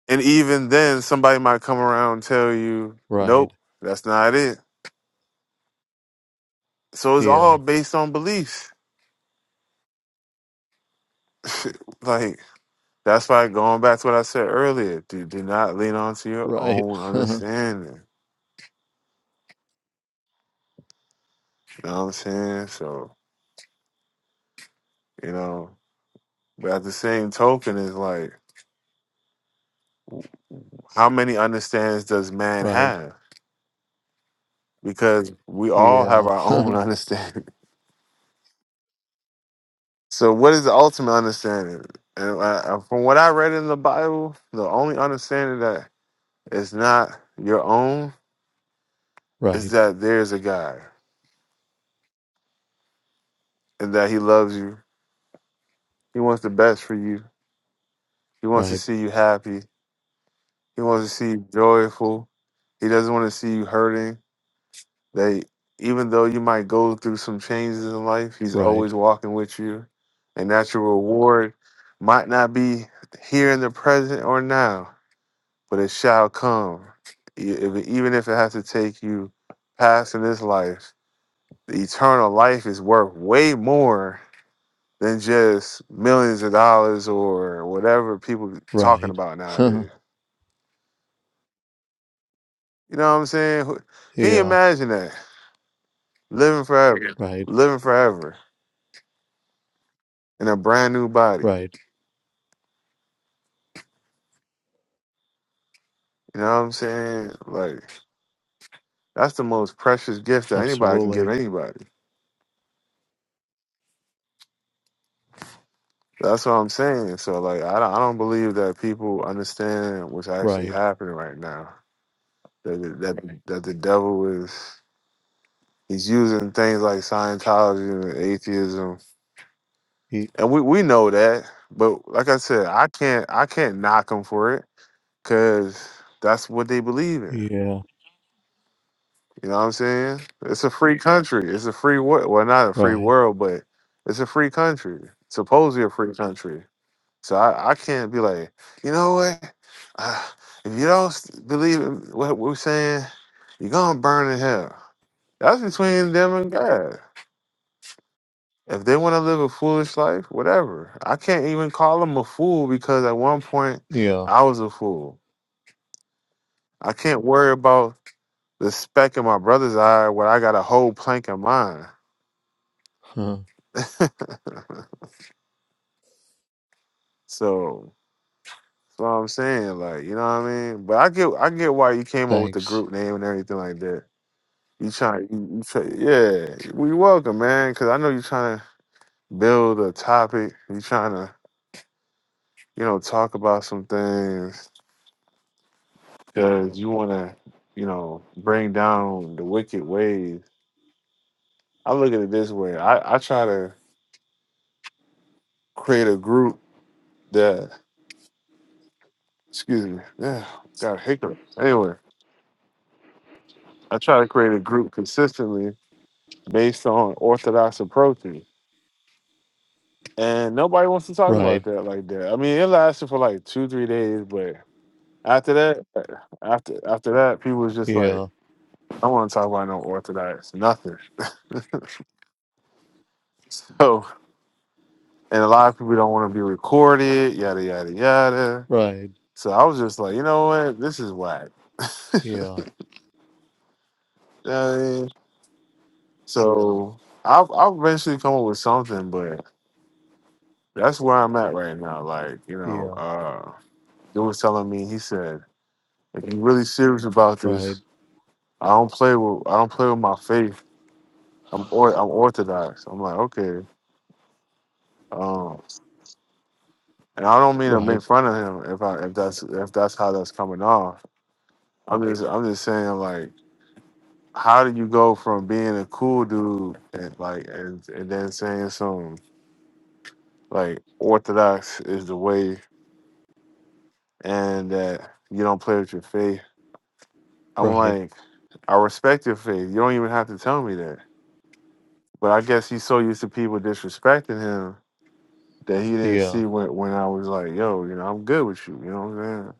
S1: And even then somebody might come around and tell you,
S2: ride,
S1: Nope, that's not it. So it's
S2: yeah,
S1: all based on beliefs. like that's why going back to what I said earlier, do do not lean on to your
S2: ride,
S1: own
S2: huh,
S1: understanding. You know what I'm saying? So, you know, but at the same token it's like how many understands does man
S2: ride,
S1: have? Because we all have
S2: yeah,
S1: our own
S2: huh,
S1: understanding. So, what is the ultimate understanding? And I, I- from what I read in the Bible, the only understanding that is not your own is
S2: ride,
S1: that there is a God and that He loves you. He wants the best for you. He wants to
S2: ride,
S1: see you happy. He wants to see you joyful. He doesn't want to see you hurting. That even though you might go through some changes in life, he's
S2: ride,
S1: always walking with you. And that your reward might not be here in the present or now, but it shall come. E- if- Even if it has to take you past in this life, the eternal life is worth way more than just millions of dollars or whatever people talking
S2: ride,
S1: about
S2: huh,
S1: nowadays. You know what I'm saying? Who- Can you
S2: yeah,
S1: imagine that? Living forever, Yeah.
S2: ride,
S1: living forever in a brand new body.
S2: ride,
S1: You know what I'm saying? Like that's the most precious gift that anybody can give
S2: absolutely,
S1: anybody. That's what I'm saying. So like I don't, I don't believe that people understand what's actually
S2: ride,
S1: happening right now. That the- that the- that the devil is he's using things like Scientology and atheism,
S2: e-
S1: and we we know that. But like I said, I can't I can't knock them for it because that's what they believe in.
S2: yeah,
S1: You know what I'm saying? It's a free country. It's a free world. Well, not a free
S2: ride,
S1: world, but it's a free country. Supposedly a free country. So I, I can't be like, you know what? Uh, if you don't s- believe in what we're saying, you're gonna burn in hell. That's between them and God. If they want to live a foolish life, whatever. I can't even call them a fool because at one point
S2: yeah,
S1: I was a fool. I can't worry about the speck in my brother's eye when I got a whole plank in mine.
S2: huh,
S1: So So I'm saying, like, you know what I mean? But I get, I get why you came up with the
S2: thanks.
S1: group name and everything like that. You trying, you, you try, yeah. We welcome, man, because I know you're trying to build a topic. you trying to, you know, talk about some things because you want to, you know, bring down the wicked ways. I look at it this way. I, I try to create a group that, excuse me, yeah, got a hiccup. Anyway, I try to create a group consistently based on orthodox approaches. And nobody wants to talk
S2: Right.
S1: about that like that. I mean, it lasted for like two, three days, but after that, after after that, people was just like,
S2: Yeah.
S1: I don't want to talk about no orthodox, nothing. So, and a lot of people don't want to be recorded, yada yada yada.
S2: Right.
S1: So I was just like, you know what, this is whack.
S2: Yeah.
S1: You know what I mean? So I'll I'll eventually come up with something, but that's where I'm at right now. Like, you know,
S2: Yeah.
S1: uh, dude was telling me, he said, if you're really serious about this,
S2: Right.
S1: I don't play with I don't play with my faith. I'm or, I'm orthodox. I'm like okay, um, and I don't mean to
S2: Right.
S1: make fun of him if I if that's if that's how that's coming off. I'm just I'm just saying like how do you go from being a cool dude and like and, and then saying some like orthodox is the way and that you don't play with your faith. I'm
S2: Right.
S1: like I respect your faith. You don't even have to tell me that. But I guess he's so used to people disrespecting him that he didn't
S2: Yeah.
S1: see when when I was like, yo, you know, I'm good with you. You know what I'm saying?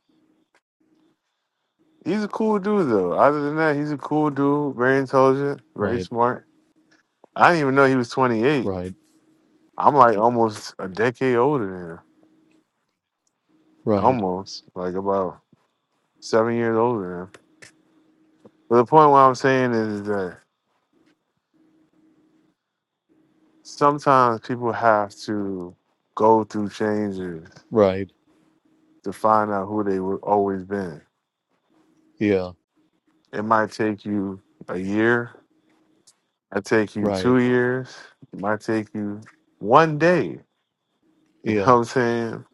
S1: He's a cool dude though. Other than that, he's a cool dude, very intelligent, very
S2: Right.
S1: smart. I didn't even know he was 28.
S2: Right.
S1: I'm like almost a decade older than him.
S2: Right.
S1: Almost. Like about seven years older than him. But the point what I'm saying is that sometimes people have to go through changes
S2: Right.
S1: to find out who they were always been.
S2: Yeah.
S1: It might take you a year, I take you
S2: Right.
S1: two years. It might take you one day. You know what
S2: Yeah.
S1: I'm saying?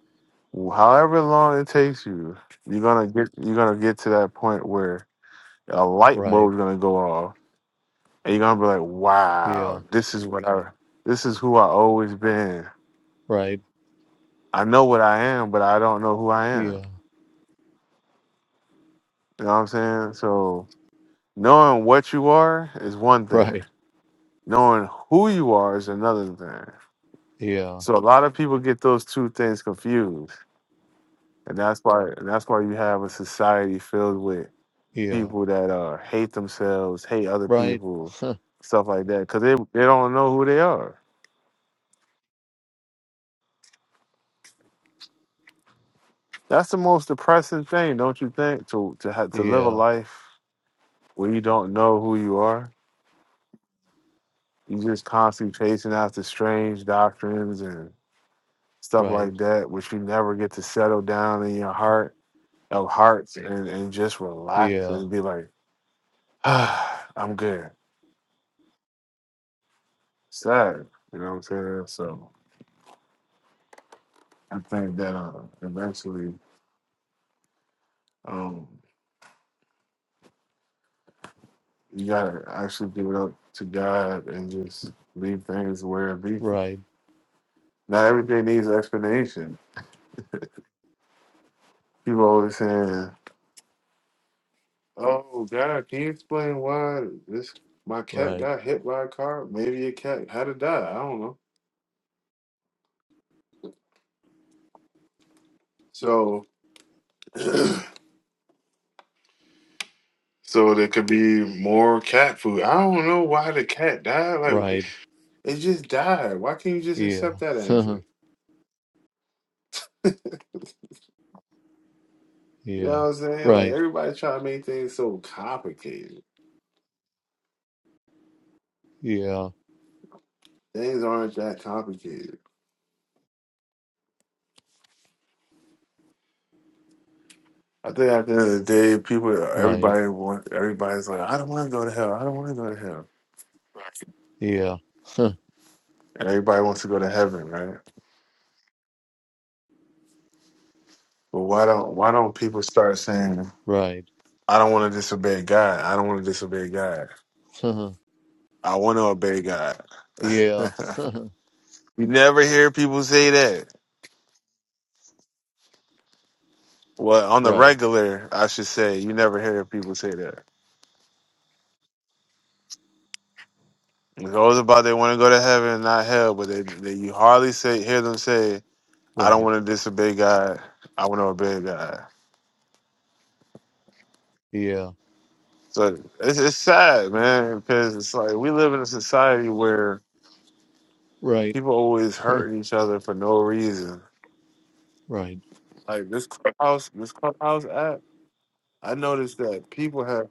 S1: However long it takes you, you're gonna get you're gonna get to that point where a light
S2: Right.
S1: bulb's gonna go off, and you're gonna be like,
S2: Yeah.
S1: "Wow, this is what I, this is who I always been.
S2: Right.
S1: I know what I am, but I don't know who I am."
S2: Yeah.
S1: You know what I'm saying? So knowing what you are is one thing.
S2: Right.
S1: Knowing who you are is another thing.
S2: Yeah.
S1: So a lot of people get those two things confused and that's why and that's why you have a society filled with
S2: Yeah.
S1: people that uh hate themselves, hate other
S2: Right.
S1: people, stuff like that, because they they don't know who they are. That's the most depressing thing, don't you think? To to have to live a
S2: Yeah.
S1: life where you don't know who you are, you just constantly chasing after strange doctrines and stuff
S2: Right.
S1: like that, which you never get to settle down in your heart of hearts and, and just relax
S2: Yeah.
S1: and be like, ah, I'm good. Sad. You know what I'm saying? So I think that uh, eventually um, you gotta actually give it up to God and just leave things where it be.
S2: Right.
S1: Not everything needs an explanation. People always saying, "Oh God, can you explain why this my cat
S2: Right.
S1: got hit by a car? Maybe a cat had to die. I don't know." So, so there could be more cat food. I don't know why the cat died. Like
S2: Right.
S1: it just died. Why can't you just
S2: Yeah.
S1: accept that answer? You know
S2: yeah.
S1: what I'm saying? Like
S2: Right.
S1: everybody trying to make things so complicated.
S2: Yeah.
S1: Things aren't that complicated. I think at the end of the day, people,
S2: Right.
S1: everybody want, everybody's like, I don't want to go to hell. I don't want to go to hell.
S2: Yeah.
S1: And everybody wants to go to heaven, right? But why don't why don't people start saying,
S2: Right.
S1: I don't want to disobey God. I don't want to disobey God. I want to obey God.
S2: yeah.
S1: you never hear people say that. Well, on the
S2: right.
S1: regular, I should say, you never hear people say that. Those about they want to go to heaven and not hell, but they, they you hardly say hear them say, "I don't
S2: Right.
S1: want to disobey God. I want to obey God."
S2: Yeah.
S1: So it's, it's sad, man, because it's like we live in a society where
S2: Right,
S1: people always hurting each other for no reason.
S2: right,
S1: Like this clubhouse, this clubhouse app, I noticed that people have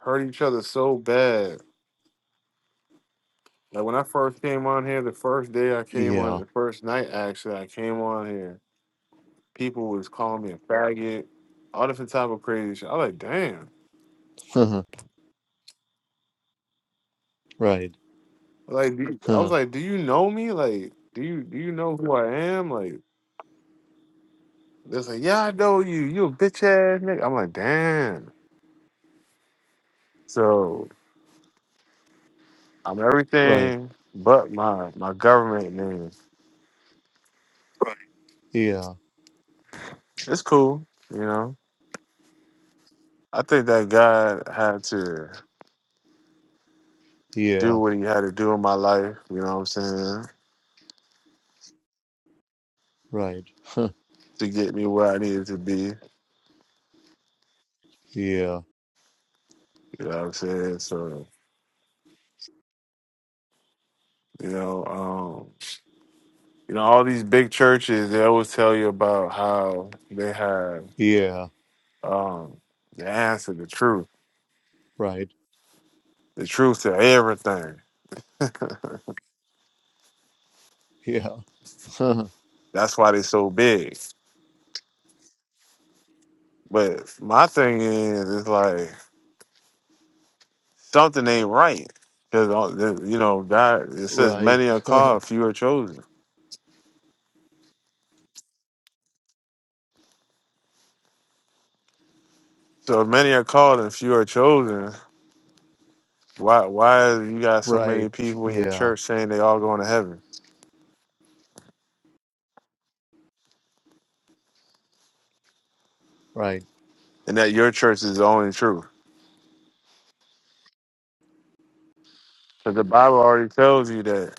S1: hurt each other so bad. Like when I first came on here, the first day I came on,
S2: yeah,
S1: the first night actually, I came on here. People was calling me a faggot, all different type of crazy shit. I was like, damn.
S2: right,
S1: Like do you- I was
S2: huh,
S1: like, do you know me? Like, do you do you know who I am? Like, they're like, yeah, I know you. You a bitch ass nigga. I'm like, damn. So I'm
S2: right,
S1: everything but my my government name.
S2: yeah,
S1: It's cool, you know. I think that God had to do
S2: yeah,
S1: what He had to do in my life. You know what I'm saying?
S2: right,
S1: To get me where I needed to be. You
S2: yeah,
S1: know what I'm saying? So you know. um, You know, all these big churches, they always tell you about how they have
S2: yeah,
S1: um, the answer, the truth,
S2: right,
S1: the truth to everything.
S2: yeah, huh,
S1: That's why they're so big. But my thing is, it's like something ain't right. Because, you know, God, it says
S2: right,
S1: many are called, few are chosen. So if many are called and few are chosen. Why, why you got so
S2: right,
S1: many people in your
S2: yeah,
S1: church saying they all going to heaven
S2: right,
S1: and that your church is the only truth? Because the Bible already tells you that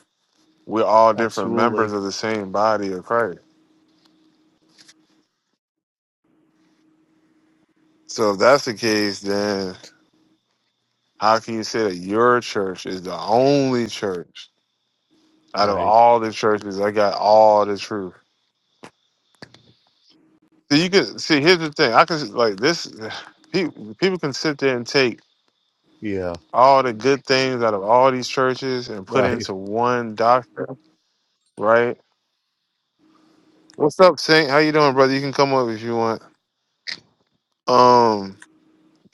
S1: we're all different members
S2: absolutely,
S1: of the same body of Christ. So if that's the case, then how can you say that your church is the only church out of
S2: right,
S1: all the churches that got all the truth? See, you can see. Here's the thing: I can like this. People, people can sit there and take
S2: yeah,
S1: all the good things out of all these churches and put
S2: right,
S1: into one doctrine, right? What's up, Saint? How you doing, brother? You can come up if you want. Um,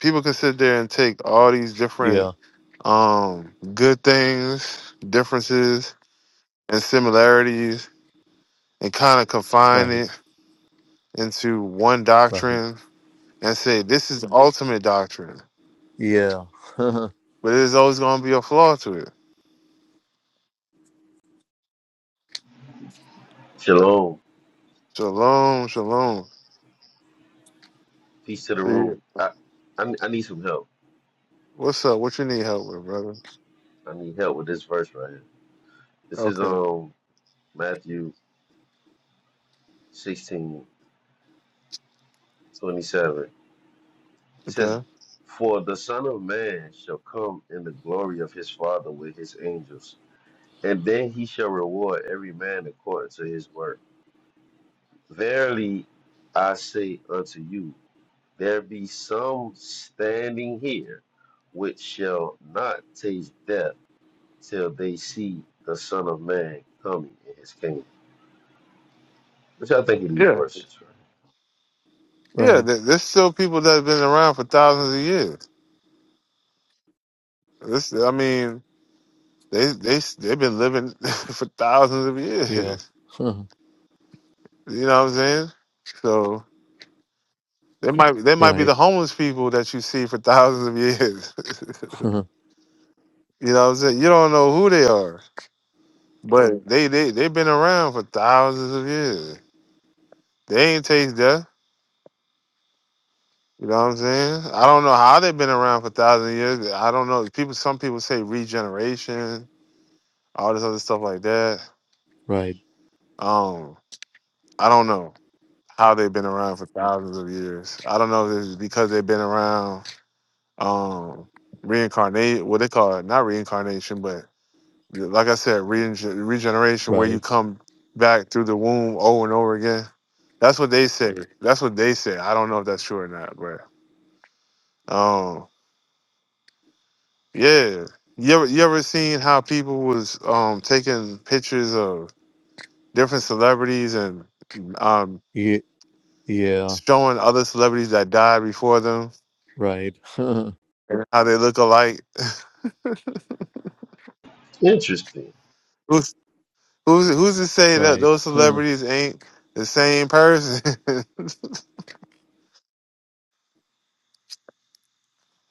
S1: people can sit there and take all these different
S2: yeah,
S1: um, good things, differences, and similarities, and kind of confine
S2: right,
S1: it into one
S2: right,
S1: doctrine and say this is the ultimate doctrine.
S2: yeah, huh,
S1: But there's always going to be a flaw to it.
S3: Shalom.
S1: Shalom, shalom.
S3: Peace to the
S1: See,
S3: room. I, I I need some help.
S1: what's up? What you need help with, brother?
S3: I need help with this verse right here. This is
S1: Okay,
S3: um Matthew 16 27. It says,
S1: okay.
S3: For the Son of Man shall come in the glory of his Father with his angels, and then he shall reward every man according to his work. Verily I say unto you, there be some standing here which shall not taste death till they see the Son of Man coming in his kingdom. Which I think of these
S1: Yeah,
S3: verses, right?
S1: yeah.
S2: right,
S1: th- There's still people that have been around for thousands of years. This, I mean, they they they've been living for thousands of
S2: yeah,
S1: years.
S2: huh,
S1: You know what I'm saying? So. They might they might be
S2: right,
S1: the homeless people that you see for thousands of years.
S2: huh,
S1: you know what I'm saying? You don't know who they are. But they they they've been around for thousands of years. They ain't taste death. You know what I'm saying? I don't know how they've been around for thousands of years. I don't know. People some people say regeneration, all this other stuff like that.
S2: right,
S1: Um, I don't know how they've been around for thousands of years. I don't know if it's because they've been around um reincarnate what they call it, not reincarnation, but Like I said, regen- regeneration, where you
S2: right,
S1: come back through the womb over and over again. That's what they say. That's what they say. I don't know if that's true or not, but um, yeah. You ever you ever seen how people was um taking pictures of different celebrities and um
S2: yeah, yeah,
S1: showing other celebrities that died before them
S2: right, huh,
S1: and how they look alike?
S3: Interesting.
S1: Who's who's who's to say that
S2: right,
S1: those
S2: huh,
S1: celebrities ain't the same person?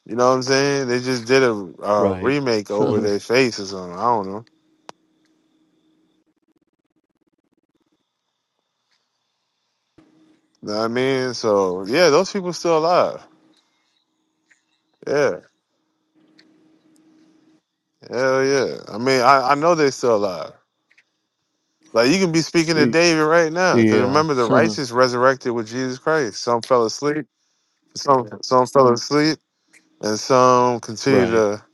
S1: You know what I'm saying? They just did a uh,
S2: right,
S1: remake over
S2: huh,
S1: their face or something. I don't know. Know what I mean, so yeah, those people still alive. Yeah, hell yeah. I mean, I, I know they're still alive. Like you can be speaking to
S2: Y-
S1: David right now, because
S2: yeah.
S1: remember the righteous resurrected with Jesus Christ. Some fell asleep, some some fell asleep, and some continue
S2: Right.
S1: to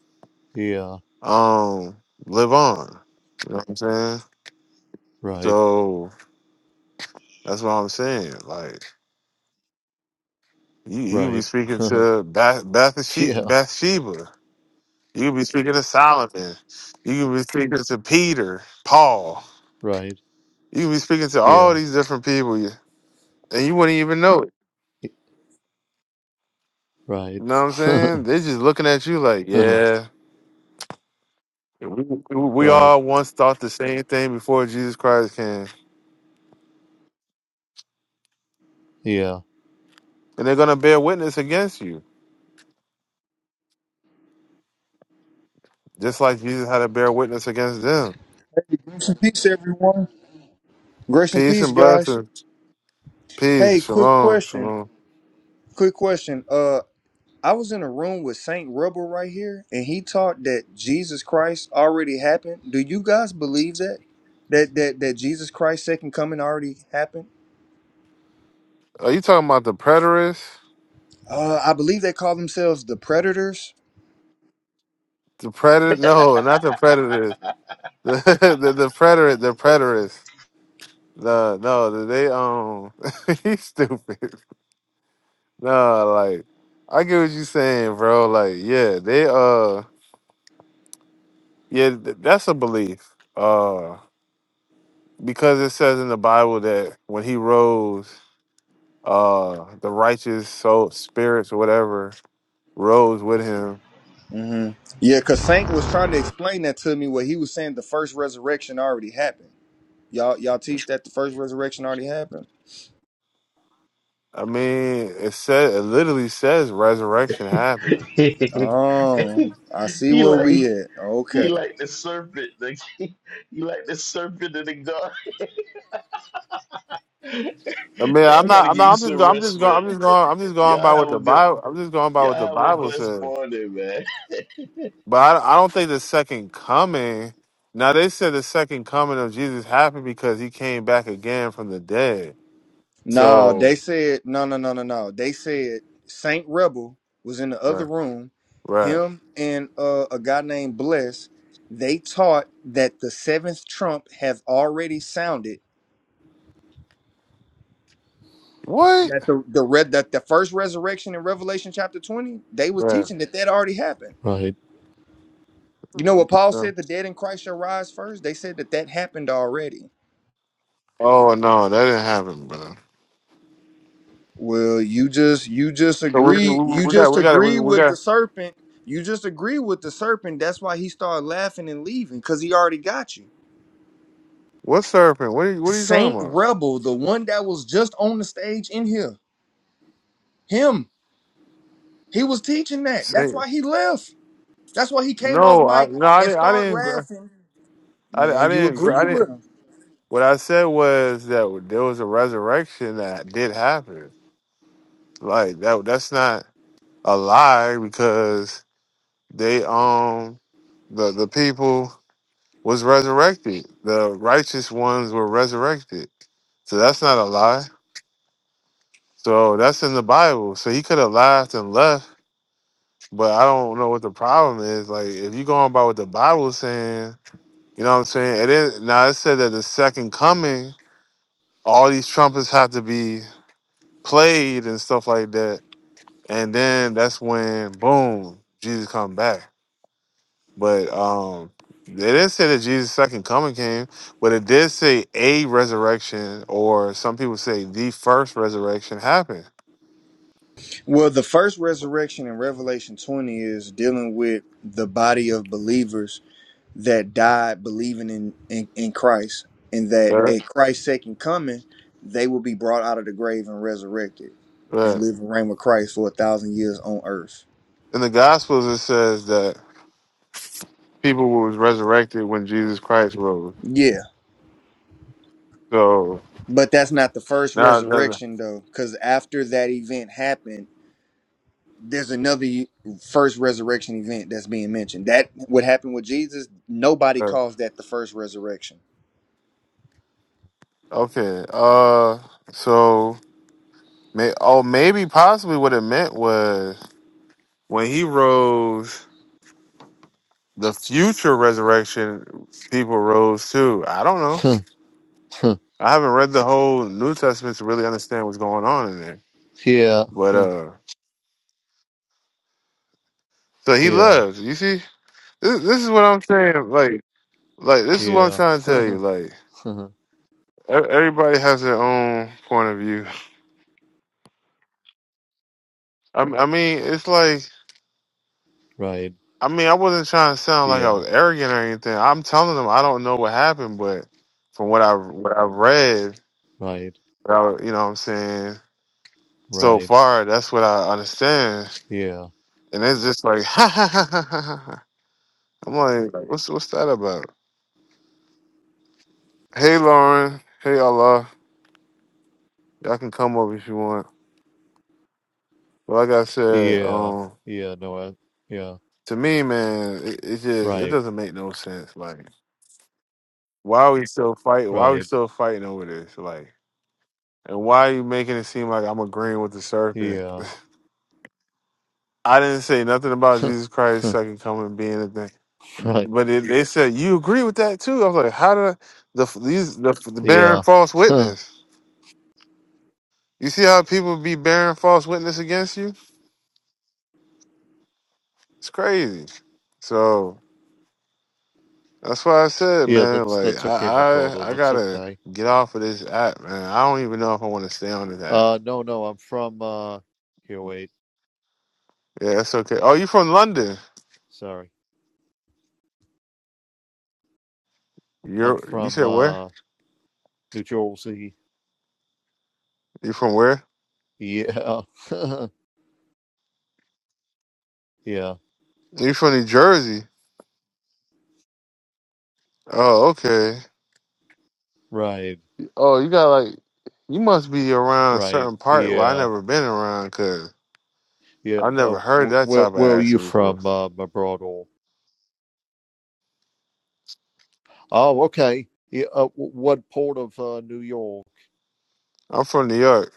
S2: Yeah.
S1: um live on. You know what I'm saying?
S2: Right.
S1: So that's what I'm saying. Like you, you be
S2: Right.
S1: speaking to Bath Bathsheba,
S2: yeah.
S1: Bathsheba. You could be speaking to Solomon. You could be speaking to Peter, Paul.
S2: Right.
S1: You could be speaking to all
S2: Yeah.
S1: these different people, you- and you wouldn't even know it.
S2: y- Right.
S1: You know what I'm saying? They're just looking at you like, yeah, we, we we
S2: right.
S1: all once thought the same thing before Jesus Christ came.
S2: Yeah.
S1: And they're going to bear witness against you, just like Jesus had to bear witness against them.
S4: Grace and peace, everyone. Grace and
S1: Peace
S4: peace,
S1: and
S4: guys.
S1: blessings.
S4: Hey,
S1: Peace.
S4: quick
S1: Shalom.
S4: question.
S1: Shalom.
S4: Quick question. Uh, I was in a room with Saint Rebel right here, and he taught that Jesus Christ already happened. Do you guys believe that? That that that Jesus Christ's second coming already happened?
S1: Are you talking about the preterists?
S4: Uh, I believe they call themselves the Predators.
S1: The predator? No, not the predators. The, the, the preterist. The preterist. No, no, they um, he's stupid. No, like I get what you saying, bro. Like, yeah, they uh, yeah, th- that's a belief. Uh, because it says in the Bible that when he rose, uh, the righteous soul spirits or whatever rose with him.
S4: hmm Yeah, cause Saint was trying to explain that to me. What he was saying, the first resurrection already happened. Y'all y'all teach that the first resurrection already happened.
S1: I mean, it said it literally says resurrection happened.
S3: he
S4: Oh, I see where
S3: like
S4: we at. Okay.
S3: he like the serpent. Like, he like the serpent in the garden.
S1: I mean,
S3: hey,
S1: I'm
S3: I
S1: not,
S3: gotta
S1: I'm
S3: give
S1: not,
S3: you
S1: I'm just,
S3: some
S1: go- I'm just
S3: rest,
S1: going, I'm
S3: man.
S1: just going, I'm just going by
S3: Y'all have
S1: what
S3: a
S1: the
S3: good
S1: Bible, I'm just going by
S3: y'all
S1: what the
S3: have a
S1: Bible
S3: blessed
S1: says.
S3: morning, man.
S1: But I, I don't think the second coming. Now they said the second coming of Jesus happened because he came back again from the dead.
S4: No,
S1: So
S4: they said no, no, no, no, no. They said Saint Rebel was in the other
S1: right,
S4: room.
S1: right,
S4: Him and uh, a guy named Bless. They taught that the seventh trump have already sounded.
S1: what?
S4: That the the red that the first resurrection in Revelation chapter twenty, they was
S1: Right.
S4: teaching that that already happened.
S2: Right.
S4: You know what Paul
S1: No.
S4: said: the dead in Christ shall rise first. They said that that happened already.
S1: Oh no, that didn't happen, brother.
S4: Well, you just you just
S1: So we,
S4: agree
S1: we,
S4: you
S1: we got
S4: just
S1: we got we,
S4: agree
S1: we
S4: with the
S1: got
S4: serpent. You just agree with the serpent. That's why he started laughing and leaving because he already got you.
S1: what serpent? What are you, what are you talking
S4: Saint
S1: about?
S4: Rebel, the one that was just on the stage in here, him. He was teaching that. That's why
S1: Satan?
S4: he left. That's why he came off
S1: No, I
S4: mic
S1: no, I
S4: and
S1: didn't. I
S4: started
S1: didn't. gra-
S4: laughing.
S1: I, di- I
S4: Man, you
S1: didn't. gra-
S4: agree
S1: I didn't.
S4: with him.
S1: What I said was that there was a resurrection that did happen. Like that. That's not a lie because They um the the people was resurrected. The righteous ones were resurrected. So that's not a lie. So that's in the Bible. So he could have laughed and left, but I don't know what the problem is. Like if you going by what the Bible's saying, you know what I'm saying? It is now it said that the second coming, all these trumpets have to be played and stuff like that. And then that's when boom, Jesus come back. But um it didn't say that Jesus' second coming came, but it did say a resurrection, or some people say the first resurrection happened.
S4: Well, the first resurrection in Revelation 20 is dealing with the body of believers that died believing in, in, in Christ, and that
S1: Right.
S4: at Christ's second coming, they will be brought out of the grave and resurrected and
S1: Right.
S4: live and reign with Christ for a thousand years on earth.
S1: In the Gospels, it says that people was resurrected when Jesus Christ rose.
S4: Yeah,
S1: So
S4: but that's not the first
S1: now, that-
S4: resurrection, though, because after that event happened, there's another e- first resurrection event that's being mentioned. That what happened with Jesus, nobody
S1: uh,
S4: calls that the first resurrection.
S1: okay. Uh, so may oh maybe possibly what it meant was when he rose, the future resurrection people rose too. I don't know. I haven't read the whole New Testament to really understand what's going on in there.
S2: yeah.
S1: But uh so he
S2: yeah.
S1: loves. You see, this, this is what I'm saying. Like, like this is what I'm
S2: Yeah.
S1: trying to tell you. Like, e- everybody has their own point of view. I, I mean, it's like,
S2: right.
S1: I mean, I wasn't trying to sound like I
S2: Yeah.
S1: was arrogant or anything. I'm telling them I don't know what happened, but from what I what I've read,
S2: Right.
S1: what I, you know, what I'm saying so
S2: Right.
S1: far, that's what I understand.
S2: Yeah.
S1: And it's just like, ha ha ha ha ha. I'm like, what's what's that about? Hey Lauren. Hey Allah. Y'all can come over if you want. But like I said,
S2: Yeah.
S1: um,
S2: Yeah. No. I, yeah.
S1: to me, man, it, it just it
S2: Right.
S1: doesn't make no sense. Like, why are we still fighting? Why are we
S2: Right.
S1: still fighting over this? Like, and why are you making it seem like I'm agreeing with the serpent?
S2: Yeah.
S1: I didn't say nothing about Jesus Christ second coming being a thing.
S2: right.
S1: But it, they said you agree with that too. I was like, how did I, the these the, the bearing
S2: Yeah.
S1: false
S2: yeah.
S1: witness? You see how people be bearing false witness against you? It's crazy. So That's why I said, man,
S2: That's
S1: like
S2: that's
S1: I,
S2: okay, my brother.
S1: I I
S2: That's
S1: gotta
S2: okay.
S1: get off of this app, man. I don't even know if I wanna stay on this app.
S2: Uh. No. No. I'm from. Uh. Here. Wait.
S1: Yeah, that's okay. Oh, you from London.
S2: Sorry, I'm
S1: You're you
S2: from
S1: said where?
S2: uh, New Jersey.
S1: You from where?
S2: Yeah, yeah,
S1: You from New Jersey. Oh, okay.
S2: right,
S1: Oh, you got like you must be around a
S2: right.
S1: certain part where I
S2: Yeah,
S1: never been around because
S2: yeah.
S1: I never
S2: Oh,
S1: heard
S2: wh-
S1: that
S2: where
S1: type of
S2: where are you
S1: accent before.
S2: from, uh, my brother? Oh, okay. Yeah, uh, wh- what port of uh, New York?
S1: I'm from New York.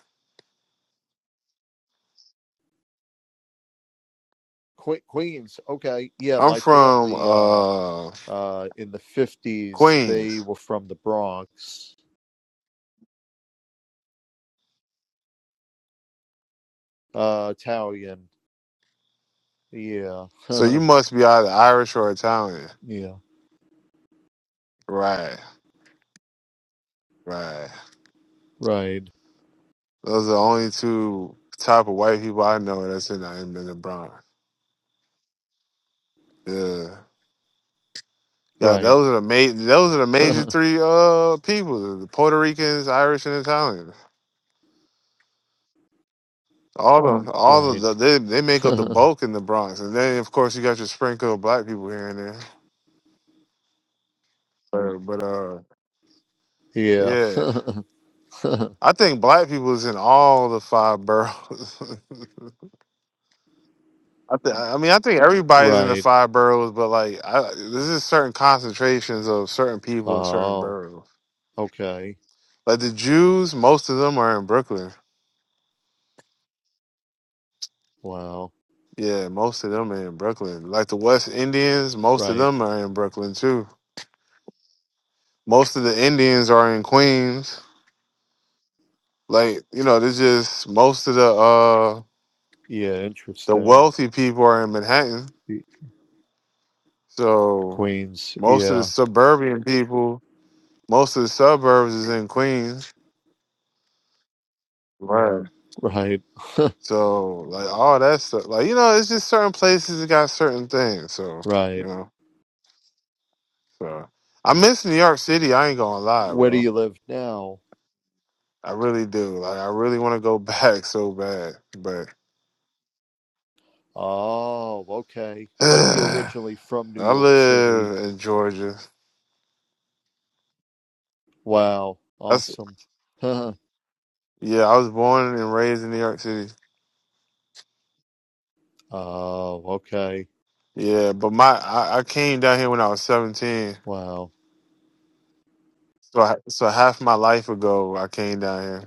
S2: Que- Queens. Okay. Yeah,
S1: I'm
S2: my
S1: from
S2: family uh,
S1: uh
S2: uh, in the fifties they
S1: Queens.
S2: were from the Bronx. Uh, Italian. Yeah,
S1: So you must be either Irish or Italian.
S2: yeah.
S1: Right. Right.
S2: Right,
S1: Those are the only two type of white people I know that's in the in the Bronx. Yeah. Yeah,
S2: right,
S1: those are the ma- those are the major three uh people: the Puerto Ricans, Irish, and Italians. All the all of
S2: right.
S1: the they, they make up the bulk in the Bronx, and then of course you got your sprinkle of black people here and there. But but uh
S2: Yeah.
S1: yeah, I think black people is in all the five boroughs. I, th- I mean, I think everybody's in the
S2: Right.
S1: five boroughs, but like, I, there's just certain concentrations of certain people in certain
S2: Oh,
S1: boroughs.
S2: okay.
S1: Like the Jews, most of them are in Brooklyn.
S2: Wow.
S1: Yeah, most of them are in Brooklyn. Like the West Indians, most of
S2: Right.
S1: them are in Brooklyn too. Most of the Indians are in Queens. Like, you know, there's just most of the uh
S2: Yeah,
S1: the
S2: interesting.
S1: wealthy people are in Manhattan.
S2: Y-
S1: So
S2: Queens.
S1: most of the
S2: Yeah.
S1: suburban people, most of the suburbs is in Queens. Right.
S2: Right.
S1: So like all that stuff. Like, you know, it's just certain places that got certain things. So, you
S2: Right.
S1: know, so I miss New York City. I ain't gonna lie,
S2: Where do
S1: bro.
S2: you live now?
S1: I really do. Like I really want to go back so bad, but
S2: Oh, okay. But you're
S1: I
S2: originally from New York City.
S1: live in Georgia.
S2: Wow.
S1: That's
S2: Awesome.
S1: yeah. I was born and raised in New York City.
S2: Oh, okay.
S1: Yeah, but my I, I came down here when I was seventeen.
S2: Wow.
S1: So I, so half my life ago I came down here.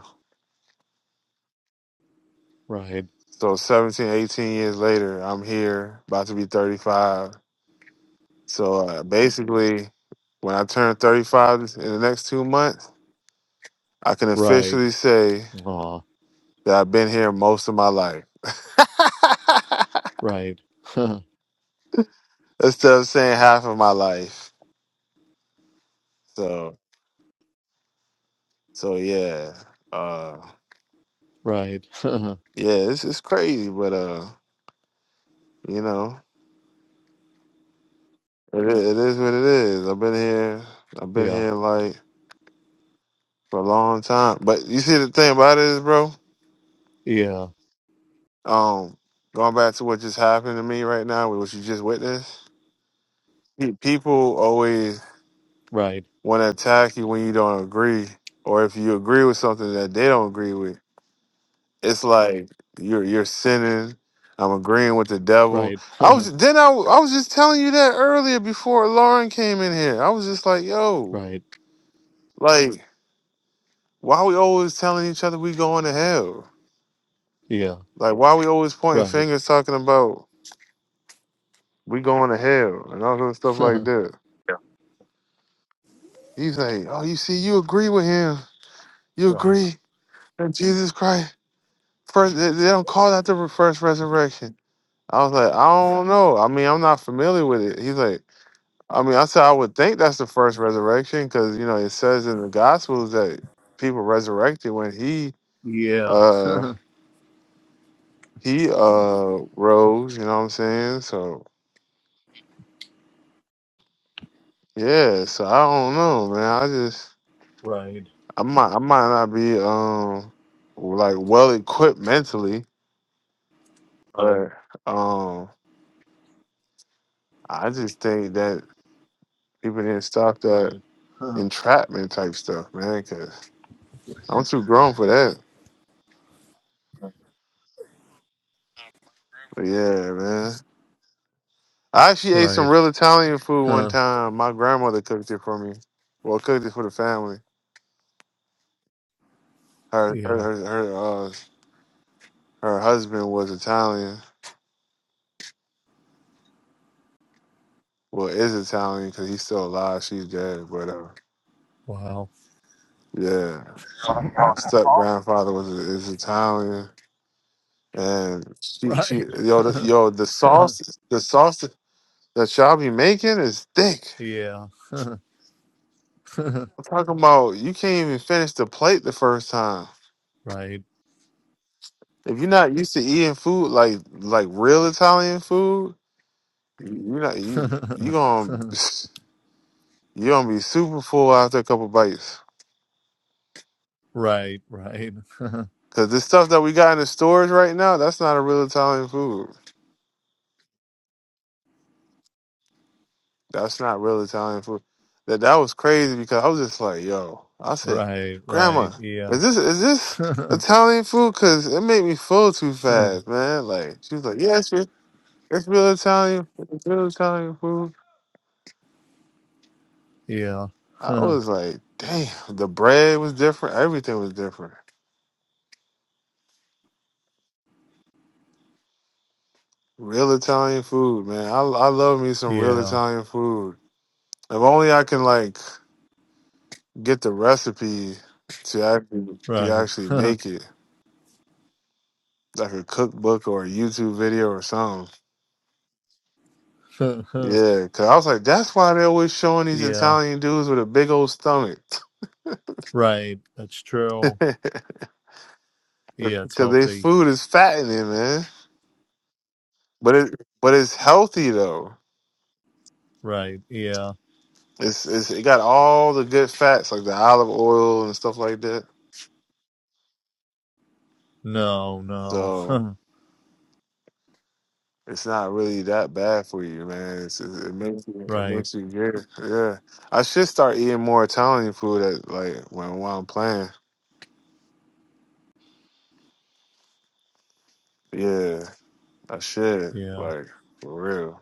S2: Right.
S1: So 17, 18 years later, I'm here, about to be thirty five. So uh, basically, when I turn thirty five in the next two months, I can
S2: Right.
S1: officially say
S2: Aw,
S1: that I've been here most of my life.
S2: right.
S1: That's what I'm saying. Half of my life. So so yeah. Uh
S2: Right.
S1: yeah, it's it's crazy, but uh, you know, it, i- it is what it is. I've been here I've been
S2: Yeah.
S1: here like for a long time. But you see the thing about it is, bro,
S2: Yeah.
S1: um, going back to what just happened to me right now with what you just witnessed, pe- people always
S2: Right.
S1: wanna attack you when you don't agree or if you agree with something that they don't agree with. it's like you're you're sinning. I'm agreeing with the devil.
S2: Right.
S1: I was then I w- I was just telling you that earlier before Lauren came in here. I was just like, yo,
S2: Right.
S1: like why we always telling each other we going to hell?
S2: Yeah.
S1: Like why we always pointing
S2: Right.
S1: fingers talking about we going to hell and all sort of stuff like that. He's like, oh, you see, you agree with him. You
S2: Right.
S1: agree that Jesus Christ first. They they don't call that the first resurrection. I was like, I don't know. I mean, I'm not familiar with it. He's like, I mean, I said I would think that's the first resurrection because you know it says in the Gospels that people resurrected when he
S2: Yeah.
S1: uh he uh rose. You know what I'm saying? So yeah. So I don't know, man. I just
S2: Right.
S1: I might I might not be um like well equipped mentally, but um I just think that people didn't stop that
S2: Right. Huh.
S1: entrapment type stuff, man. Because I'm too grown for that. But yeah, man. I actually ate some
S2: Right.
S1: real Italian food one
S2: Huh.
S1: time. My grandmother cooked it for me. Well, cooked it for the family. Her her
S2: Yeah.
S1: her her, uh, her husband was Italian. Well, is Italian because he's still alive. She's dead, but uh,
S2: Wow.
S1: yeah, my step grandfather was is Italian, and she she
S2: Right.
S1: yo the, yo the sauce the sauce that y'all be making is thick.
S2: yeah.
S1: I'm talking about you can't even finish the plate the first time.
S2: right.
S1: If you're not used to eating food like like real Italian food, You not you you gonna you gonna be super full after a couple bites.
S2: right. Right.
S1: Cause the stuff that we got in the stores right now, that's not a real Italian food. That's not real Italian food. That that was crazy because I was just like, yo, I said,
S2: Right. Right.
S1: Grandma,
S2: Yeah.
S1: is this is this Italian food? Cause it made me full too fast, man. Like she was like, yeah, it's real, it's real Italian, it's real Italian food.
S2: yeah.
S1: I was like, damn, the bread was different, everything was different. Real Italian food, man. I I love me some real
S2: yeah.
S1: Italian food. If only I can like get the recipe to actually to
S2: Right.
S1: actually make it, like a cookbook or a YouTube video or something. Yeah, cause I was like, that's why they're always showing these
S2: yeah.
S1: Italian dudes with a big old stomach,
S2: Right. That's true.
S1: cause
S2: Yeah. It's
S1: their
S2: healthy.
S1: food is fattening, man. But it but it's healthy though.
S2: Right. Yeah.
S1: It's it's it got all the good fats like the olive oil and stuff like that.
S2: No. No.
S1: So. it's not really that bad for you, man. It's, it, it makes you, it
S2: right.
S1: makes you good. Yeah, I should start eating more Italian food at like when while I'm playing. Yeah, I should
S2: Yeah.
S1: like for real.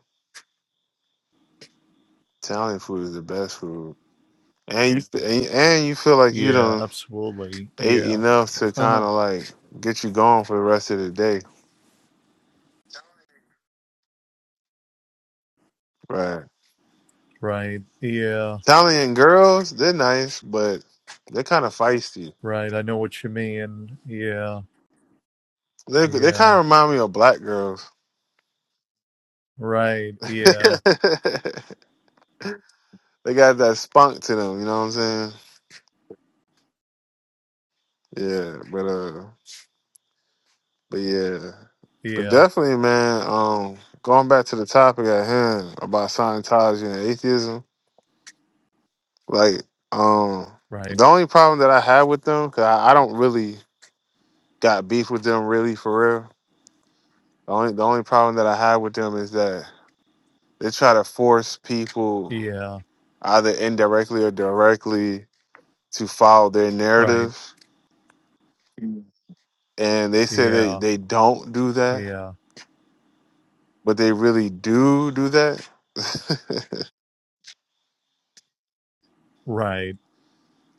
S1: Italian food is the best food, and you and, and you feel like you
S2: Yeah,
S1: done
S2: absolutely.
S1: ate
S2: Yeah.
S1: enough to kind
S2: Uh-huh.
S1: of like get you going for the rest of the day, right?
S2: Right. Yeah.
S1: Italian girls, they're nice, but they're kind of feisty.
S2: Right. I know what you mean. Yeah.
S1: They they
S2: Yeah.
S1: kind of remind me of black girls.
S2: Right. Yeah.
S1: They got that spunk to them, you know what I'm saying? Yeah, but uh but yeah. But
S2: Yeah.
S1: definitely, man, um going back to the topic at hand about Scientology and atheism, like um
S2: Right.
S1: the only problem that I have with them, cause I, I don't really got beef with them really for real. The only the only problem that I have with them is that they try to force people
S2: Yeah.
S1: either indirectly or directly to follow their
S2: Right.
S1: narrative. And they say they,
S2: Yeah.
S1: they don't do that
S2: Yeah.
S1: but they really do do that.
S2: Right.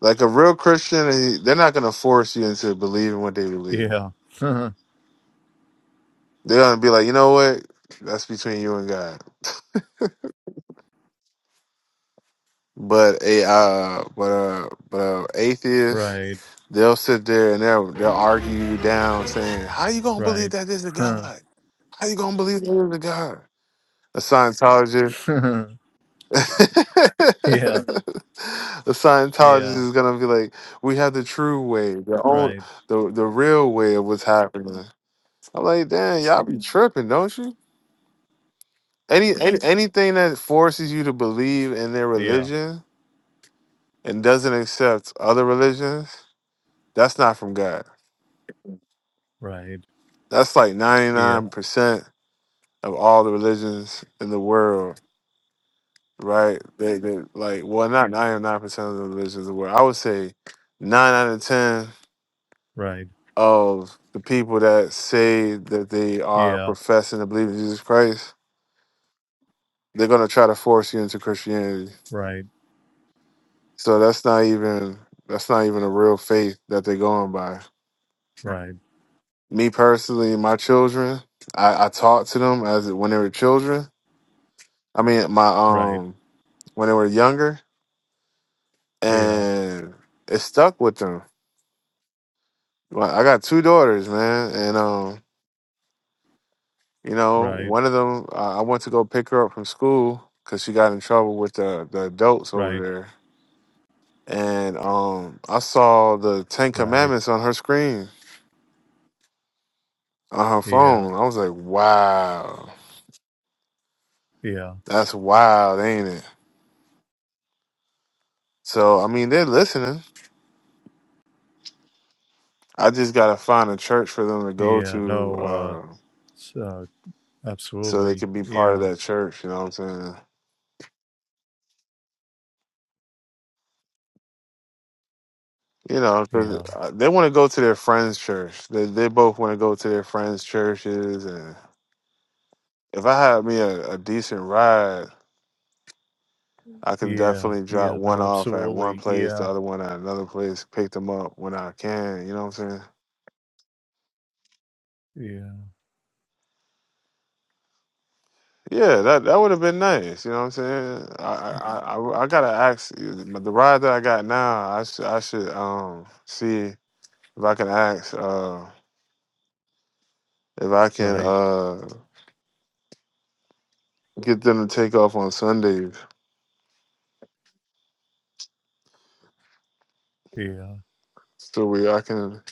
S1: like a real Christian, he- they're not gonna force you into believing what they believe.
S2: Yeah.
S1: They're gonna be like, you know what, that's between you and God. But a uh, but uh, but uh, atheist,
S2: right.
S1: they'll sit there and they'll they'll argue you down, saying, "How you gonna believe
S2: Right.
S1: that there's a
S2: Huh.
S1: God? How you gonna believe that there's a God?" A Scientologist. the
S2: yeah.
S1: Scientologist
S2: Yeah.
S1: is gonna be like, we have the true way, the own,
S2: Right.
S1: the the real way of what's happening. I'm like, damn, y'all be tripping, don't you? Any, any anything that forces you to believe in their
S2: Yeah.
S1: religion and doesn't accept other religions, that's not from God.
S2: Right.
S1: That's like
S2: Yeah.
S1: 99% of all the religions in the world, right? They, they like, well, not 99% of the religions in the world. I would say nine out of ten
S2: Right.
S1: of the people that say that they are
S2: Yeah.
S1: professing to believe in Jesus Christ, they're gonna try to force you into Christianity.
S2: Right.
S1: So that's not even that's not even a real faith that they're going by.
S2: Right.
S1: Me personally, my children, I, I talked to them as when they were children. I mean, my
S2: Right.
S1: um when they were younger,
S2: Yeah.
S1: and it stuck with them. Like I got two daughters, man, and um You know,
S2: Right.
S1: one of them, uh, I went to go pick her up from school because she got in trouble with the, the adults
S2: Right.
S1: over there. And um, I saw the Ten
S2: Right.
S1: Commandments on her screen, on her
S2: Yeah.
S1: phone. I was like, wow,
S2: Yeah.
S1: that's wild, ain't it? So, I mean, they're listening. I just got to find a church for them to go
S2: Yeah,
S1: to
S2: no, uh,
S1: uh,
S2: s- uh,
S1: so they
S2: absolutely.
S1: can be part of
S2: Yeah,
S1: that church. You know what I'm saying? You know, because
S2: yeah,
S1: they want to go to their friends' church. They, they both want to go to their friends' churches and. if I had me a, a decent ride, I can
S2: yeah,
S1: definitely drop
S2: yeah,
S1: one
S2: no,
S1: off at one
S2: absolutely.
S1: place,
S2: Yeah,
S1: the other one at another place, pick them up when I can. You know what I'm saying?
S2: yeah,
S1: Yeah, that that would have been nice. You know what I'm saying? I I, I, I I gotta ask uh, the ride that I got now. I should I should um see if I can ask uh if I can
S2: right.
S1: uh get them to take off on Sundays
S2: Yeah,
S1: so we I can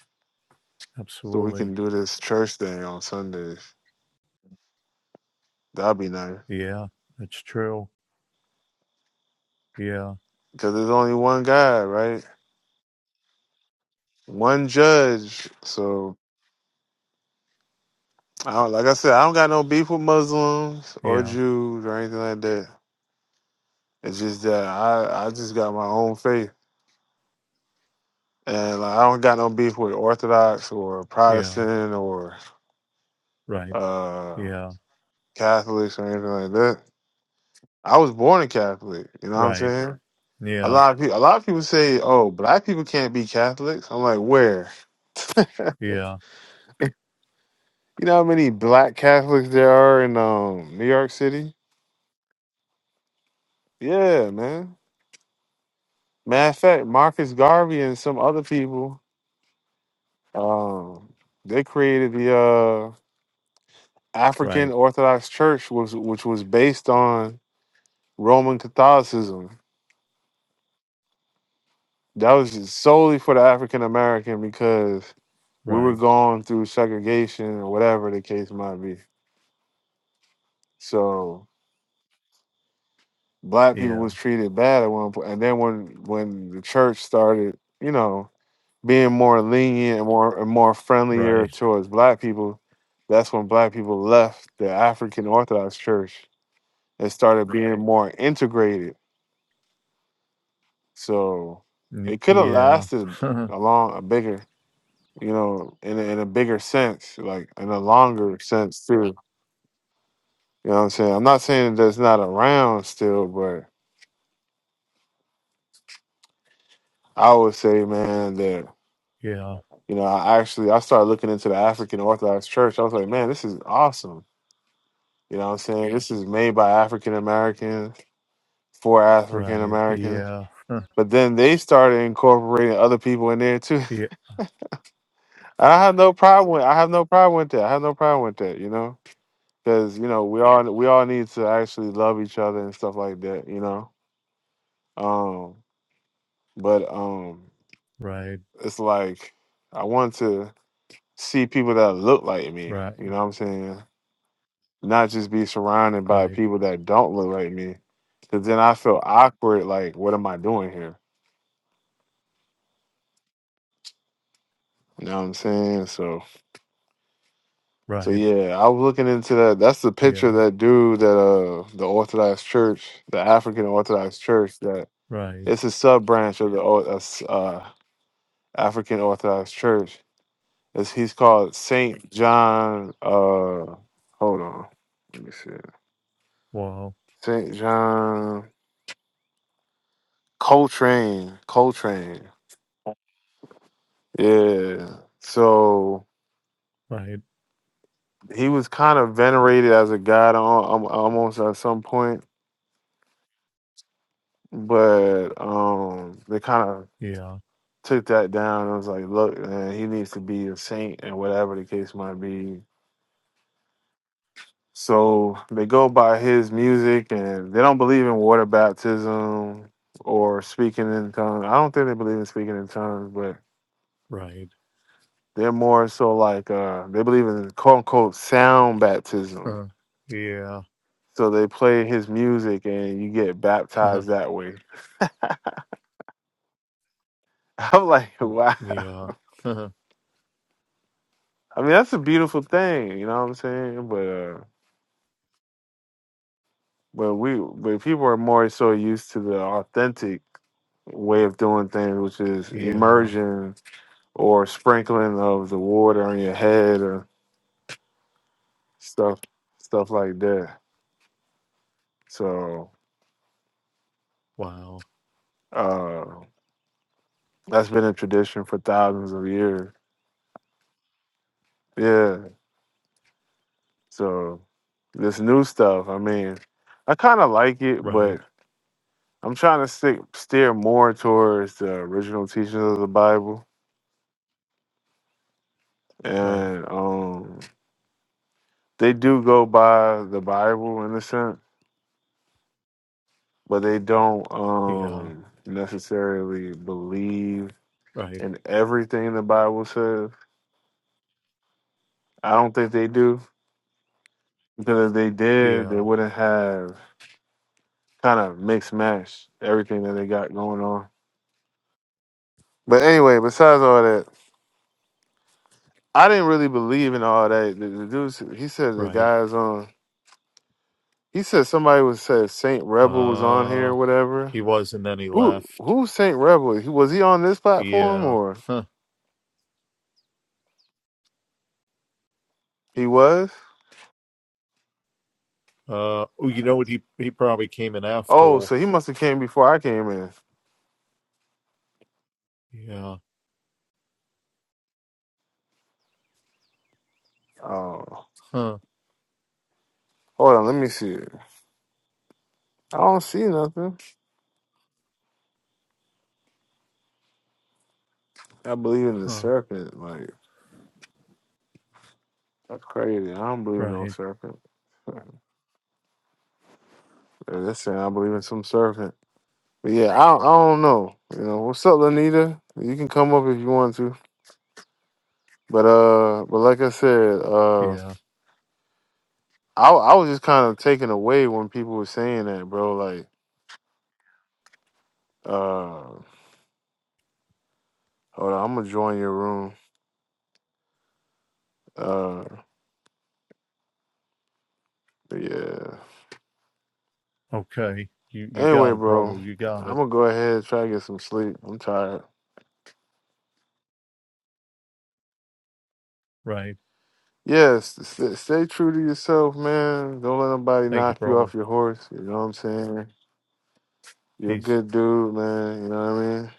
S1: so we
S2: absolutely.
S1: can do this church thing on Sundays. That'd be nice
S2: Yeah, it's true. Yeah,
S1: because there's only one guy, right? one judge. So, I don't, like I said, I don't got no beef with Muslims or
S2: yeah,
S1: Jews or anything like that. It's just that I, I just got my own faith, and like, I don't got no beef with Orthodox or
S2: yeah,
S1: Protestant or
S2: right.
S1: uh,
S2: Yeah,
S1: Catholics or anything like that. I was born a Catholic. You know what I'm
S2: right.
S1: saying? A
S2: Yeah,
S1: lot of people, a lot of people say, "Oh, black people can't be Catholics." I'm like, where?
S2: yeah,
S1: You know how many black Catholics there are in um, New York City? Yeah, man. Matter of fact, Marcus Garvey and some other people, um, they created the uh,
S2: right,
S1: African Orthodox Church, was which was based on Roman Catholicism. That was just solely for the African American because we were
S2: right.
S1: going through segregation or whatever the case might be. So black people
S2: Yeah,
S1: was treated bad at one point, and then when when the church started, you know, being more lenient and more and more friendlier
S2: right.
S1: towards black people, that's when black people left the African Orthodox Church and started being more integrated. So
S2: N-
S1: it could have
S2: Yeah,
S1: lasted a long, a bigger, you know, in a, in a bigger sense, like in a longer sense too. You know what I'm saying? I'm not saying that it's not around still, but I would say, man, that
S2: yeah,
S1: you know, I actually I started looking into the African Orthodox Church. I was like, man, this is awesome You know what I'm saying? This is made by African Americans for African
S2: right.
S1: Americans.
S2: Yeah,
S1: But then they started incorporating other people in there too.
S2: yeah,
S1: I have no problem with I have no problem with that. I have no problem with that, you know? Cuz you know, we all we all need to actually love each other and stuff like that, you know? Um but um
S2: right,
S1: it's like I want to see people that look like me,
S2: right,
S1: you know what I'm saying? Not just be surrounded by
S2: right,
S1: people that don't look like me. Cuz then I feel awkward like what am I doing here? You know what I'm saying? So so
S2: right.
S1: yeah, I was looking into that. That's the picture
S2: Yeah,
S1: of that dude that uh the Orthodox Church, the African Orthodox Church that
S2: right.
S1: it's a sub branch of the Or- uh, s- uh, African Orthodox Church. It's, he's called Saint John uh hold on. Let me see.
S2: Wow,
S1: Saint John Coltrane. Coltrane. Yeah. So
S2: right.
S1: he was kind of venerated as a god al- al- almost at some point but um they kind of
S2: Yeah,
S1: took that down I was like look man he needs to be a saint and whatever the case might be so they go by his music and they don't believe in water baptism or speaking in tongues i don't think they believe in speaking in tongues but
S2: right.
S1: they're more so like uh they believe in quote unquote sound baptism
S2: Uh, yeah.
S1: so they play his music and you get
S2: Uh,
S1: baptized that way i'm like
S2: n-
S1: wow
S2: yeah. Uh,
S1: i mean that's a beautiful thing you know what i'm saying but uh But we, but people are more so used to the authentic way of doing things, which is
S2: yeah.
S1: immersion or sprinkling of the water on your head or stuff, stuff like that. So
S2: Wow.
S1: uh, that's been a tradition for thousands of years. Yeah. So this new stuff, I mean, I kind of like it, but
S2: Right.
S1: I'm trying to stick steer more towards the original teachings of the Bible
S2: Right.
S1: and um they do go by the Bible in a sense, but they don't
S2: Yeah.
S1: um necessarily believe
S2: Right.
S1: in everything the Bible says. I don't think they do because if they did, they
S2: Yeah.
S1: wouldn't have kind of mixed match everything that they got going on. But anyway, besides all that, I didn't really believe in all that. The, the dude, he said the
S2: Right.
S1: guy's on. He said somebody was said Saint Rebel was on here,
S2: Uh,
S1: or whatever.
S2: he was, and then he
S1: Who
S2: left.
S1: who's Saint Rebel? He- Was he on this platform
S2: Yeah.
S1: or he was?
S2: Uh, oh, you know what? He he probably came in
S1: Oh,
S2: after.
S1: so he must have came before I came in.
S2: Yeah.
S1: Oh,
S2: Huh.
S1: hold on, let me see. I don't see nothing. I believe in the
S2: Huh.
S1: serpent. Like that's crazy. I don't believe in no
S2: Right.
S1: serpent. They're just saying I believe in some serpent. But yeah, I don't, I don't know. You know what's up, Lanita? You can come up if you want to. But uh, but like I said, uh,
S2: Yeah.
S1: I I was just kind of taken away when people were saying that, bro. Like uh, hold on, I'm gonna join your room. Uh, but yeah.
S2: Okay. You you
S1: Anyway,
S2: got it,
S1: bro,
S2: Brodo. You got
S1: I'm
S2: it.
S1: gonna go ahead and try to get some sleep. I'm tired.
S2: Right.
S1: Yes, st- stay true to yourself, man. Don't let nobody
S2: Thank you,
S1: knock you
S2: Brodo.
S1: off your horse. You know what I'm saying? You're a
S2: Peace.
S1: good dude, man. You know what I mean?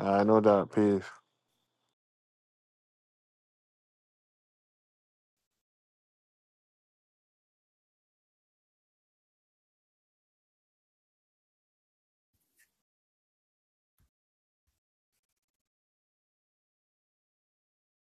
S1: I no doubt. Peace.